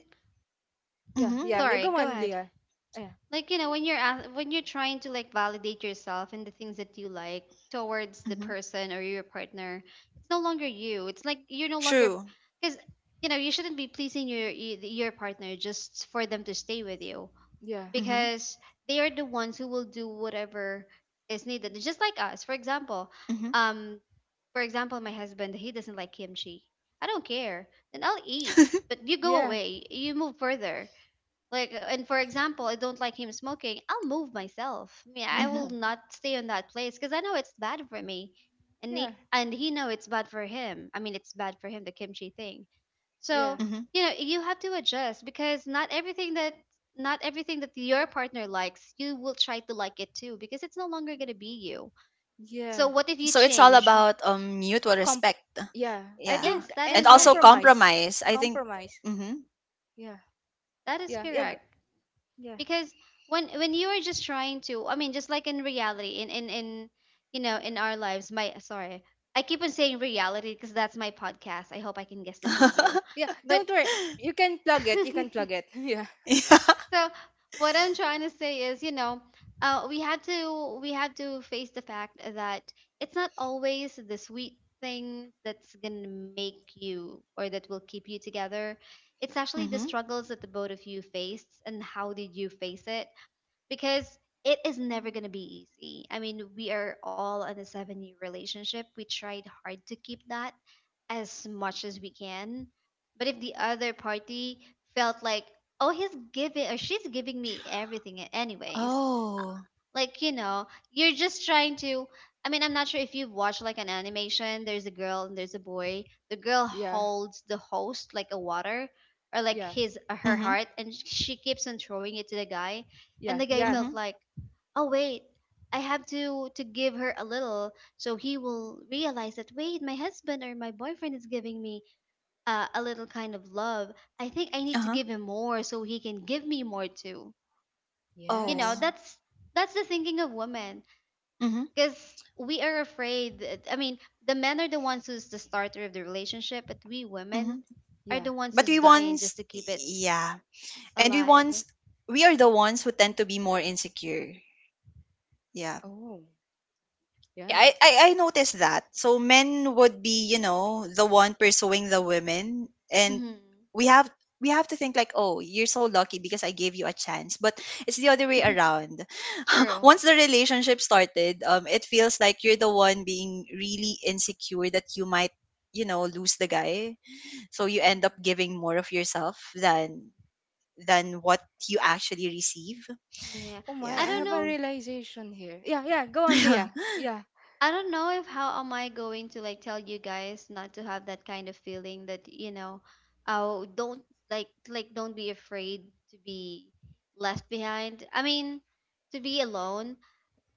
[SPEAKER 3] yeah,
[SPEAKER 1] mm-hmm,
[SPEAKER 3] yeah. You
[SPEAKER 2] sorry,
[SPEAKER 3] go
[SPEAKER 2] go
[SPEAKER 3] on,
[SPEAKER 2] ahead.
[SPEAKER 3] Leah. Yeah,
[SPEAKER 2] Like, you know, when you're ask, when you're trying to like validate yourself and the things that you like towards the
[SPEAKER 1] mm-hmm,
[SPEAKER 2] person or your partner, it's no longer you. It's like you're no longer,
[SPEAKER 1] true.
[SPEAKER 2] because you know, you shouldn't be pleasing your y- your partner just for them to stay with you,
[SPEAKER 3] yeah,
[SPEAKER 1] Mm-hmm,
[SPEAKER 2] because they are the ones who will do whatever is needed. It's just like us. For example,
[SPEAKER 1] mm-hmm,
[SPEAKER 2] um for example, my husband, he doesn't like kimchi. I don't care. Then I'll eat. But you go
[SPEAKER 3] yeah,
[SPEAKER 2] away. You move further like, uh, and for example, I don't like him smoking. I'll move myself. I mean, I
[SPEAKER 1] mm-hmm,
[SPEAKER 2] will
[SPEAKER 3] yeah,
[SPEAKER 2] not stay in that place because I know it's bad for me, and
[SPEAKER 3] yeah,
[SPEAKER 2] he, and he know it's bad for him. I mean, it's bad for him, the kimchi thing. So
[SPEAKER 3] yeah,
[SPEAKER 1] mm-hmm.
[SPEAKER 2] you know, you have to adjust because not everything that not everything that your partner likes, you will try to like it too, because it's no longer gonna be you.
[SPEAKER 3] yeah.
[SPEAKER 2] So what if you
[SPEAKER 1] So it's all
[SPEAKER 2] change?
[SPEAKER 1] about um mutual
[SPEAKER 3] Com,
[SPEAKER 1] respect.
[SPEAKER 3] yeah, I
[SPEAKER 1] Yeah,
[SPEAKER 2] Yes,
[SPEAKER 3] think,
[SPEAKER 2] that
[SPEAKER 1] and
[SPEAKER 2] is
[SPEAKER 3] and
[SPEAKER 1] also
[SPEAKER 2] right.
[SPEAKER 3] compromise.
[SPEAKER 1] compromise. I think.
[SPEAKER 3] Compromise.
[SPEAKER 1] Mhm.
[SPEAKER 3] Yeah
[SPEAKER 2] That is
[SPEAKER 3] yeah yeah g-
[SPEAKER 2] correct.
[SPEAKER 3] yeah.
[SPEAKER 2] Because when when you are just trying to, I mean, just like in reality, in in in, you know, in our lives, my, sorry, I keep on saying reality because that's my podcast. I hope I can guess the two of you,
[SPEAKER 3] Yeah,
[SPEAKER 2] but,
[SPEAKER 3] don't worry, you can plug
[SPEAKER 2] so
[SPEAKER 3] it, you can plug it. Yeah
[SPEAKER 1] Yeah.
[SPEAKER 2] what I'm trying to say is, you know, uh, we had to we had to face the fact that it's not always the sweet things that's gonna make you or that will keep you together. It's actually the
[SPEAKER 1] Mhm.
[SPEAKER 2] struggles that the both of you faced and how did you face it, because it is never going to be easy. I mean, we are all in a seven year relationship. We tried hard to keep that as much as we can. But if the other party felt like, oh, he's giving or she's giving me everything, anyways,
[SPEAKER 1] Oh.
[SPEAKER 2] like you know, you're just trying to, I mean, I'm not sure if you've watched like an animation, there's a girl and there's a boy. The girl
[SPEAKER 3] yeah
[SPEAKER 2] holds the host like a water, or like
[SPEAKER 3] yeah
[SPEAKER 2] his uh, her
[SPEAKER 1] Mhm.
[SPEAKER 2] heart, and she keeps on throwing it to the guy, and
[SPEAKER 3] yeah
[SPEAKER 2] the guy
[SPEAKER 3] yeah.
[SPEAKER 2] felt
[SPEAKER 1] Mhm.
[SPEAKER 2] like, oh wait, I have to to give her a little, so he will realize that, wait, my husband or my boyfriend is giving me uh, a little kind of love, I think I need to
[SPEAKER 1] Uh-huh.
[SPEAKER 2] give him more so he can give me more too. You know,
[SPEAKER 3] Yes,
[SPEAKER 1] Oh.
[SPEAKER 2] that's that's the thinking of women,
[SPEAKER 1] Mhm.
[SPEAKER 2] because we are afraid. I mean, the men are the ones who's the starter of the relationship, but we women
[SPEAKER 1] Mhm.
[SPEAKER 2] are
[SPEAKER 3] yeah.
[SPEAKER 2] the ones who's
[SPEAKER 1] But we
[SPEAKER 2] dying just
[SPEAKER 1] once
[SPEAKER 2] to keep it
[SPEAKER 1] yeah. And we
[SPEAKER 2] alive.
[SPEAKER 1] once we are the ones who tend to be more insecure. Yeah.
[SPEAKER 3] Oh
[SPEAKER 1] Yeah,
[SPEAKER 3] yeah.
[SPEAKER 1] I, I I noticed that. So men would be, you know, the one pursuing the women, and
[SPEAKER 2] Mm-hmm.
[SPEAKER 1] we have we have to think like, oh, you're so lucky because I gave you a chance. But it's the other way around.
[SPEAKER 2] True.
[SPEAKER 1] Once the relationship started, um, it feels like you're the one being really insecure that you might, you know, lose the guy. So you end up
[SPEAKER 2] Hmm.
[SPEAKER 1] giving more of yourself than than what you actually receive.
[SPEAKER 2] Yeah.
[SPEAKER 3] Oh my,
[SPEAKER 2] I
[SPEAKER 1] Yeah.
[SPEAKER 3] I
[SPEAKER 2] don't
[SPEAKER 3] have a
[SPEAKER 2] know.
[SPEAKER 3] realization here. Yeah, yeah, go on Leah. Yeah.
[SPEAKER 2] I don't know if how am I going to like tell you guys not to have that kind of feeling that, you know, oh, don't, like like don't be afraid to be left behind. I mean, to be alone,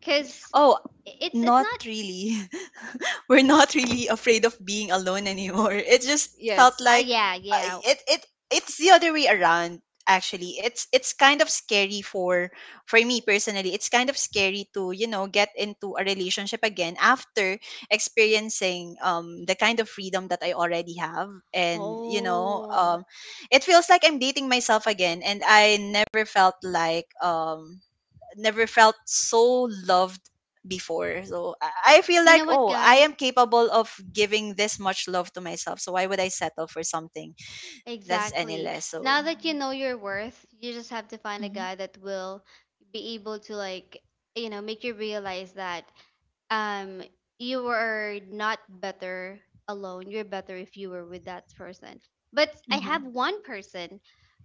[SPEAKER 2] cause
[SPEAKER 1] Oh,
[SPEAKER 2] i- it's it's
[SPEAKER 1] not
[SPEAKER 2] not.
[SPEAKER 1] really. We're not really afraid of being alone anymore. It just felt
[SPEAKER 3] Yes
[SPEAKER 2] Uh,
[SPEAKER 1] like
[SPEAKER 2] yeah,
[SPEAKER 1] uh,
[SPEAKER 2] yeah.
[SPEAKER 1] it it it's the other way around actually. It's it's kind of scary for for me personally. It's kind of scary to, you know, get into a relationship again after experiencing um the kind of freedom that I already have and, you know,
[SPEAKER 2] Oh.
[SPEAKER 1] um it feels like I'm dating myself again and I never felt like um never felt so loved before. So I I feel
[SPEAKER 2] You know
[SPEAKER 1] like,
[SPEAKER 2] what,
[SPEAKER 1] oh, I
[SPEAKER 2] guys?
[SPEAKER 1] am capable of giving this much love to myself. So why would I settle for something that's any
[SPEAKER 2] Exactly.
[SPEAKER 1] less? So,
[SPEAKER 2] Now that you know your worth, you just have to find a
[SPEAKER 1] hmm.
[SPEAKER 2] guy that will be able to like, you know, make you realize that um you are not better alone. You're better if you were with that person. But I have
[SPEAKER 3] yeah.
[SPEAKER 1] Hmm.
[SPEAKER 2] one person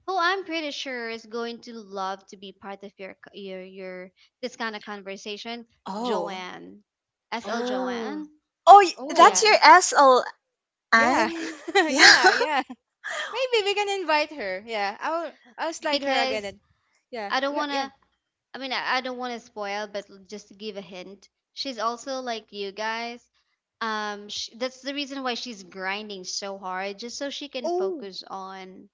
[SPEAKER 2] who I'm pretty sure is going to love to be part of your co- your your this kind of conversation,
[SPEAKER 1] Oh,
[SPEAKER 2] Joanne. S L
[SPEAKER 3] Oh.
[SPEAKER 2] Joanne.
[SPEAKER 1] oh, y-
[SPEAKER 3] Oh
[SPEAKER 1] that's
[SPEAKER 2] Yeah,
[SPEAKER 1] your S L N,
[SPEAKER 3] yeah.
[SPEAKER 1] yeah.
[SPEAKER 3] Yeah yeah. Maybe we can invite her. Yeah, i'll i'll slide her again.
[SPEAKER 2] because
[SPEAKER 3] And yeah
[SPEAKER 2] I don't
[SPEAKER 3] yeah yeah.
[SPEAKER 2] wanna, I mean, I, I don't wanna spoil, but l- just to give a hint, she's also like you guys. Um, sh That's the reason why she's grinding so hard, just so she can
[SPEAKER 3] Oh
[SPEAKER 2] focus on.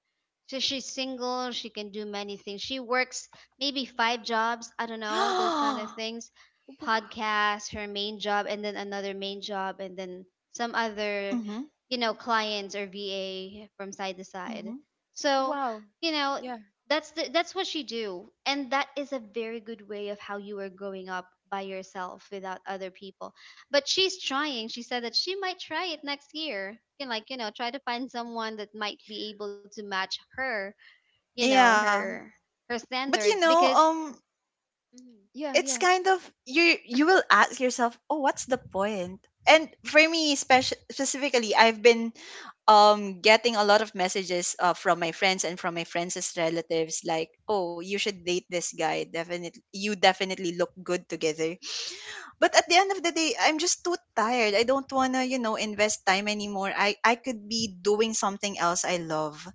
[SPEAKER 2] So she's single, she can do many things. She works maybe five jobs, I don't know, those kind of things.
[SPEAKER 3] wow.
[SPEAKER 2] Podcast, her main job, and then another main job, and then some other,
[SPEAKER 1] Mm-hmm,
[SPEAKER 2] you know, clients or V A from side to side.
[SPEAKER 1] mm-hmm.
[SPEAKER 2] So,
[SPEAKER 3] Wow.
[SPEAKER 2] you know,
[SPEAKER 3] Yeah.
[SPEAKER 2] that's the, that's what she do, and that is a very good way of how you are growing up by yourself without other people. But she's trying. She said that she might try it next year and, like, you know try to find someone that might be able to match her, you know
[SPEAKER 1] Yeah,
[SPEAKER 2] her her
[SPEAKER 1] but you
[SPEAKER 2] standards
[SPEAKER 1] know,
[SPEAKER 2] because
[SPEAKER 1] um,
[SPEAKER 2] hmm
[SPEAKER 3] Yeah,
[SPEAKER 1] it's
[SPEAKER 3] yeah.
[SPEAKER 1] kind of you you will ask yourself oh what's the point point?" And for me speci- specifically I've been um getting a lot of messages uh, from my friends and from my friends' relatives like oh you should date this guy, definitely you definitely look good together, but at the end of the day I'm just too tired, I don't want to, you know, invest time anymore, i I could be doing something else I love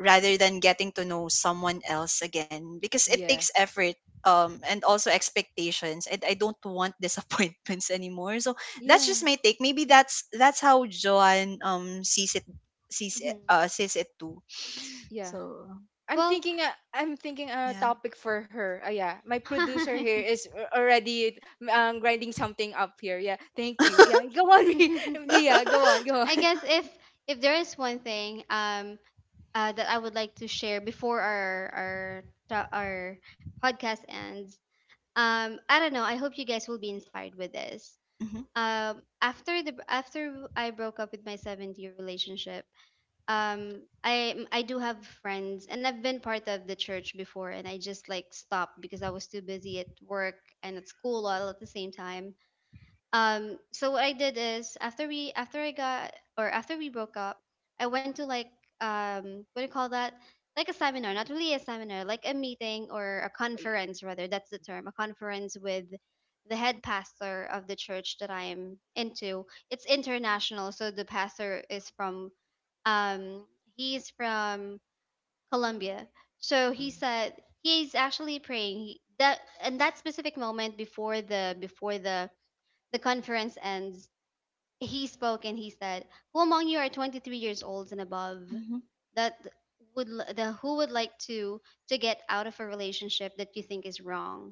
[SPEAKER 1] rather than getting to know someone else again because it takes
[SPEAKER 3] Yeah.
[SPEAKER 1] effort, um and also expectations, and I don't want disappointments anymore. So that's just
[SPEAKER 3] Yeah.
[SPEAKER 1] my take. Maybe that's that's how Joan um sees it sees it,
[SPEAKER 2] mm-hmm.
[SPEAKER 1] uh sees it too.
[SPEAKER 3] Yeah.
[SPEAKER 1] So
[SPEAKER 3] I'm
[SPEAKER 2] Well,
[SPEAKER 3] thinking uh, I'm thinking a
[SPEAKER 1] yeah.
[SPEAKER 3] topic for her. Uh, yeah. My producer here is a- already um, grinding something up here. Yeah. Thank you. Yeah. Go on, Ri- Leah. Go on. Go
[SPEAKER 2] I
[SPEAKER 3] on.
[SPEAKER 2] guess if if there is one thing, um uh, that I would like to share before our our ta- our podcast ends, um I don't know, I hope you guys will be inspired with this.
[SPEAKER 1] Mhm.
[SPEAKER 2] Um after the after I broke up with my seventh year relationship, um i i do have friends and I've been part of the church before, and I just, like, stopped because I was too busy at work and at school all at the same time. Um so what I did is, after we after I got, or after we broke up, I went to, like, um what do you call that, like a seminar. Not really a seminar, like a meeting, or a conference rather, that's the term, a conference with the head pastor of the church that I am into. It's international, so the pastor is from, um he's from Colombia. So
[SPEAKER 3] Oh,
[SPEAKER 2] he said, he's actually praying he, that, and that specific moment before the before the the conference ends. He spoke and he said, "Who among you are twenty-three years old and above
[SPEAKER 1] Mhm.
[SPEAKER 2] that would l- the who would like to to get out of a relationship that you think is wrong?"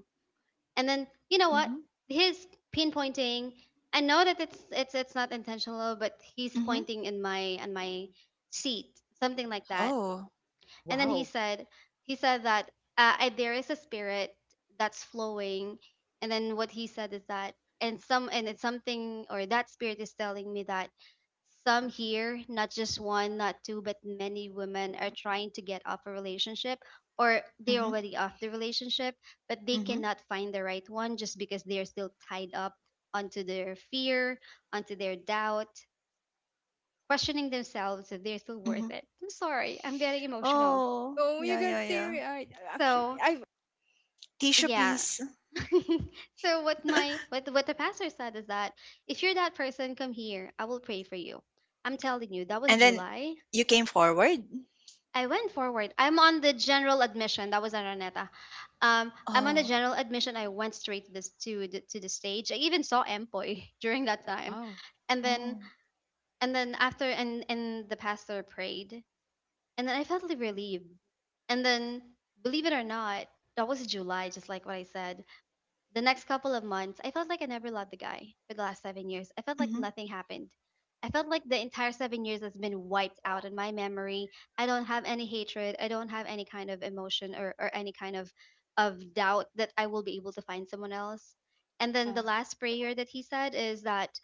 [SPEAKER 2] And then you know what?
[SPEAKER 1] Mhm.
[SPEAKER 2] His pinpointing, I know that it's it's it's not intentional, but he's
[SPEAKER 1] Mhm.
[SPEAKER 2] pointing in my on my seat, something like that.
[SPEAKER 1] Oh.
[SPEAKER 2] And then he
[SPEAKER 3] wow.
[SPEAKER 2] said, he said that, uh, I, there is a spirit that's flowing, and then what he said is that and some and it's something, or that spirit is telling me that some here, not just one, not two, but many women are trying to get off a relationship, or they're
[SPEAKER 1] Mhm.
[SPEAKER 2] already off the relationship, but they
[SPEAKER 1] Mhm.
[SPEAKER 2] cannot find the right one just because they're still tied up onto their fear, onto their doubt, questioning themselves if they're still worth
[SPEAKER 1] Mhm.
[SPEAKER 2] it. I'm sorry, I'm getting emotional.
[SPEAKER 1] Oh.
[SPEAKER 3] Oh,
[SPEAKER 1] Yeah,
[SPEAKER 3] you got
[SPEAKER 1] yeah, yeah.
[SPEAKER 3] teary-eyed. Actually,
[SPEAKER 2] So
[SPEAKER 3] I
[SPEAKER 1] Tissue
[SPEAKER 2] yeah.
[SPEAKER 1] please.
[SPEAKER 2] So what my what what the pastor said is that if you're that person, come here, I will pray for you. I'm telling you, that was
[SPEAKER 1] And then
[SPEAKER 2] July.
[SPEAKER 1] you came forward.
[SPEAKER 2] I went forward. I'm on the general admission. That was Araneta. Um, I'm on the
[SPEAKER 1] Oh.
[SPEAKER 2] general admission. I went straight to this, to the, to the stage. I even saw Empoy during that time,
[SPEAKER 3] wow.
[SPEAKER 2] and then
[SPEAKER 1] Oh.
[SPEAKER 2] and then after, and and the pastor prayed, and then I felt relieved. And then, believe it or not, that was July, just like what I said. The next couple of months, I felt like I never loved the guy for the last seven years. I felt like
[SPEAKER 1] Mm-hmm.
[SPEAKER 2] nothing happened. I felt like the entire seven years has been wiped out in my memory. I don't have any hatred. I don't have any kind of emotion, or, or any kind of, of doubt that I will be able to find someone else. And then
[SPEAKER 3] Yeah.
[SPEAKER 2] the last prayer that he said is that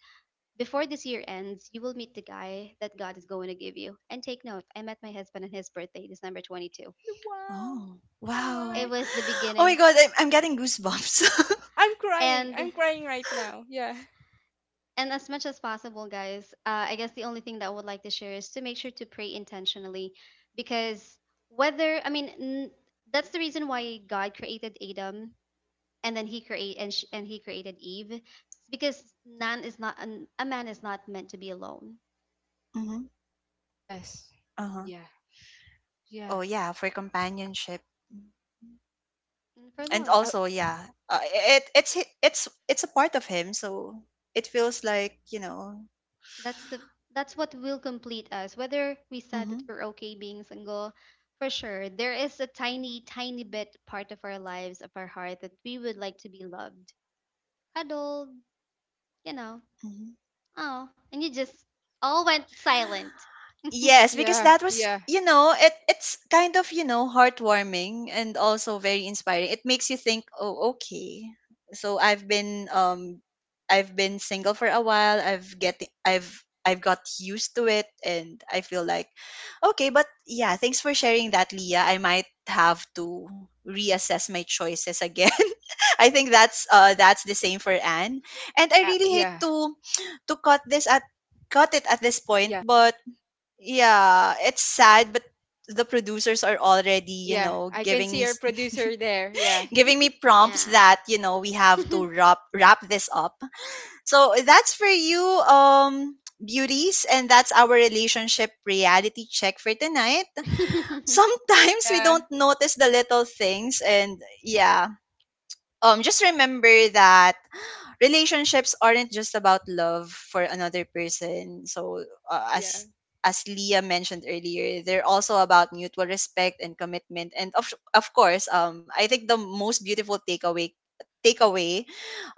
[SPEAKER 2] before this year ends, you will meet the guy that God is going to give you. And take note, I met my husband on his birthday, December twenty-second.
[SPEAKER 3] Wow.
[SPEAKER 1] Oh,
[SPEAKER 3] Oh
[SPEAKER 1] wow.
[SPEAKER 2] It
[SPEAKER 3] my.
[SPEAKER 2] was the
[SPEAKER 1] Oh my
[SPEAKER 2] beginning.
[SPEAKER 1] god, I'm I'm getting goosebumps.
[SPEAKER 3] I'm crying.
[SPEAKER 2] And
[SPEAKER 3] I'm crying right now. Yeah.
[SPEAKER 2] and As much as possible guys, uh, I guess the only thing that I would like to share is to make sure to pray intentionally, because whether I mean n- that's the reason why God created Adam, and then he create and, sh- and he created Eve. It's because man is not an, a man is not meant to be alone,
[SPEAKER 1] Mhm.
[SPEAKER 3] Yes.
[SPEAKER 1] Uh-huh.
[SPEAKER 3] Yeah. Yeah.
[SPEAKER 1] Oh yeah, for companionship. Mm.
[SPEAKER 2] and for
[SPEAKER 1] And
[SPEAKER 2] love.
[SPEAKER 3] Oh,
[SPEAKER 1] also, yeah, uh, it it's hi- it's it's a part of him, so it feels like, you know.
[SPEAKER 2] That's the that's what will complete us, whether we said
[SPEAKER 1] Mm-hmm.
[SPEAKER 2] that we're okay being single. For sure there is a tiny, tiny bit part of our lives, of our heart, that we would like to be loved, cuddled, you know. Oh, and you just all went silent.
[SPEAKER 1] Yes, because
[SPEAKER 3] yeah.
[SPEAKER 1] that was,
[SPEAKER 3] Yeah.
[SPEAKER 1] you know, it it's kind of, you know, heartwarming and also very inspiring. It makes you think, oh, okay. So I've been um I've been single for a while. I've get I've I've got used to it and I feel like okay, but yeah, thanks for sharing that, Leah. I might have to reassess my choices again. I think that's uh that's the same for Anne. And I
[SPEAKER 3] Yeah.
[SPEAKER 1] really hate
[SPEAKER 3] Yeah.
[SPEAKER 1] to to cut this at cut it at this point,
[SPEAKER 3] Yeah.
[SPEAKER 1] but yeah, it's sad, but the producers are already, you
[SPEAKER 3] Yeah,
[SPEAKER 1] know,
[SPEAKER 3] I can
[SPEAKER 1] giving
[SPEAKER 3] see
[SPEAKER 1] me
[SPEAKER 3] our
[SPEAKER 1] s-
[SPEAKER 3] producer there. Yeah,
[SPEAKER 1] giving me prompts
[SPEAKER 2] Yeah.
[SPEAKER 1] that, you know, we have to wrap wrap this up. So that's for you, um, beauties, and that's our relationship reality check for tonight. Sometimes we
[SPEAKER 3] yeah,
[SPEAKER 1] don't notice the little things, and yeah, um, just remember that relationships aren't just about love for another person. So uh,
[SPEAKER 3] yeah.
[SPEAKER 1] as as Leah mentioned earlier, they're also about mutual respect and commitment. And of of course, um, I think the most beautiful takeaway takeaway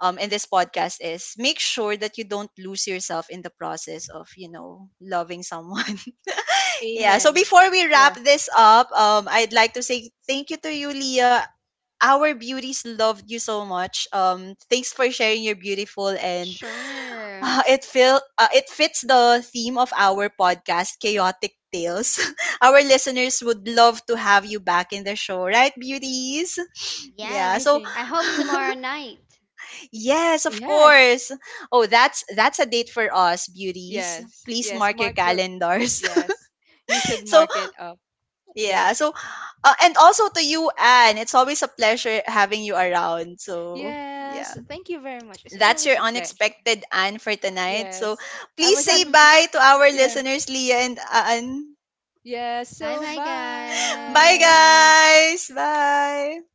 [SPEAKER 1] um, in this podcast is make sure that you don't lose yourself in the process of, you know, loving someone. Yeah, so
[SPEAKER 3] Amen.
[SPEAKER 1] before we
[SPEAKER 3] Yeah,
[SPEAKER 1] wrap this up, um, I'd like to say thank you to you, Leah. Our beauties loved you so much, um, thanks for sharing your beautiful and—
[SPEAKER 2] Sure.
[SPEAKER 1] Ah, it feel uh, it fits the theme of our podcast, Chaotic Tales. Our listeners would love to have you back in the show, right, beauties? Yeah.
[SPEAKER 3] I
[SPEAKER 2] Yes,
[SPEAKER 1] So
[SPEAKER 3] think.
[SPEAKER 2] I hope tomorrow night.
[SPEAKER 3] y-
[SPEAKER 1] yes, of
[SPEAKER 3] Yes,
[SPEAKER 1] course. Oh, that's that's a date for us, beauties.
[SPEAKER 3] yes,
[SPEAKER 1] Please
[SPEAKER 3] yes.
[SPEAKER 1] mark your
[SPEAKER 3] Mark the.
[SPEAKER 1] calendars.
[SPEAKER 3] Yes, you should
[SPEAKER 1] So
[SPEAKER 3] mark it up. Yeah.
[SPEAKER 1] yeah. So uh, and also to you, Anne. It's always a pleasure having you around. So
[SPEAKER 3] Yes,
[SPEAKER 1] yeah.
[SPEAKER 3] thank you very much. It's
[SPEAKER 1] That's
[SPEAKER 3] always
[SPEAKER 1] your
[SPEAKER 3] a pleasure.
[SPEAKER 1] unexpected Anne for tonight. So
[SPEAKER 3] Yes, I
[SPEAKER 1] please
[SPEAKER 3] was
[SPEAKER 2] Bye.
[SPEAKER 3] on.
[SPEAKER 1] say bye to our
[SPEAKER 3] Yeah,
[SPEAKER 1] listeners, Leah and Anne.
[SPEAKER 3] yes. So,
[SPEAKER 2] Bye,
[SPEAKER 1] Bye,
[SPEAKER 3] bye.
[SPEAKER 2] guys.
[SPEAKER 1] guys. Bye.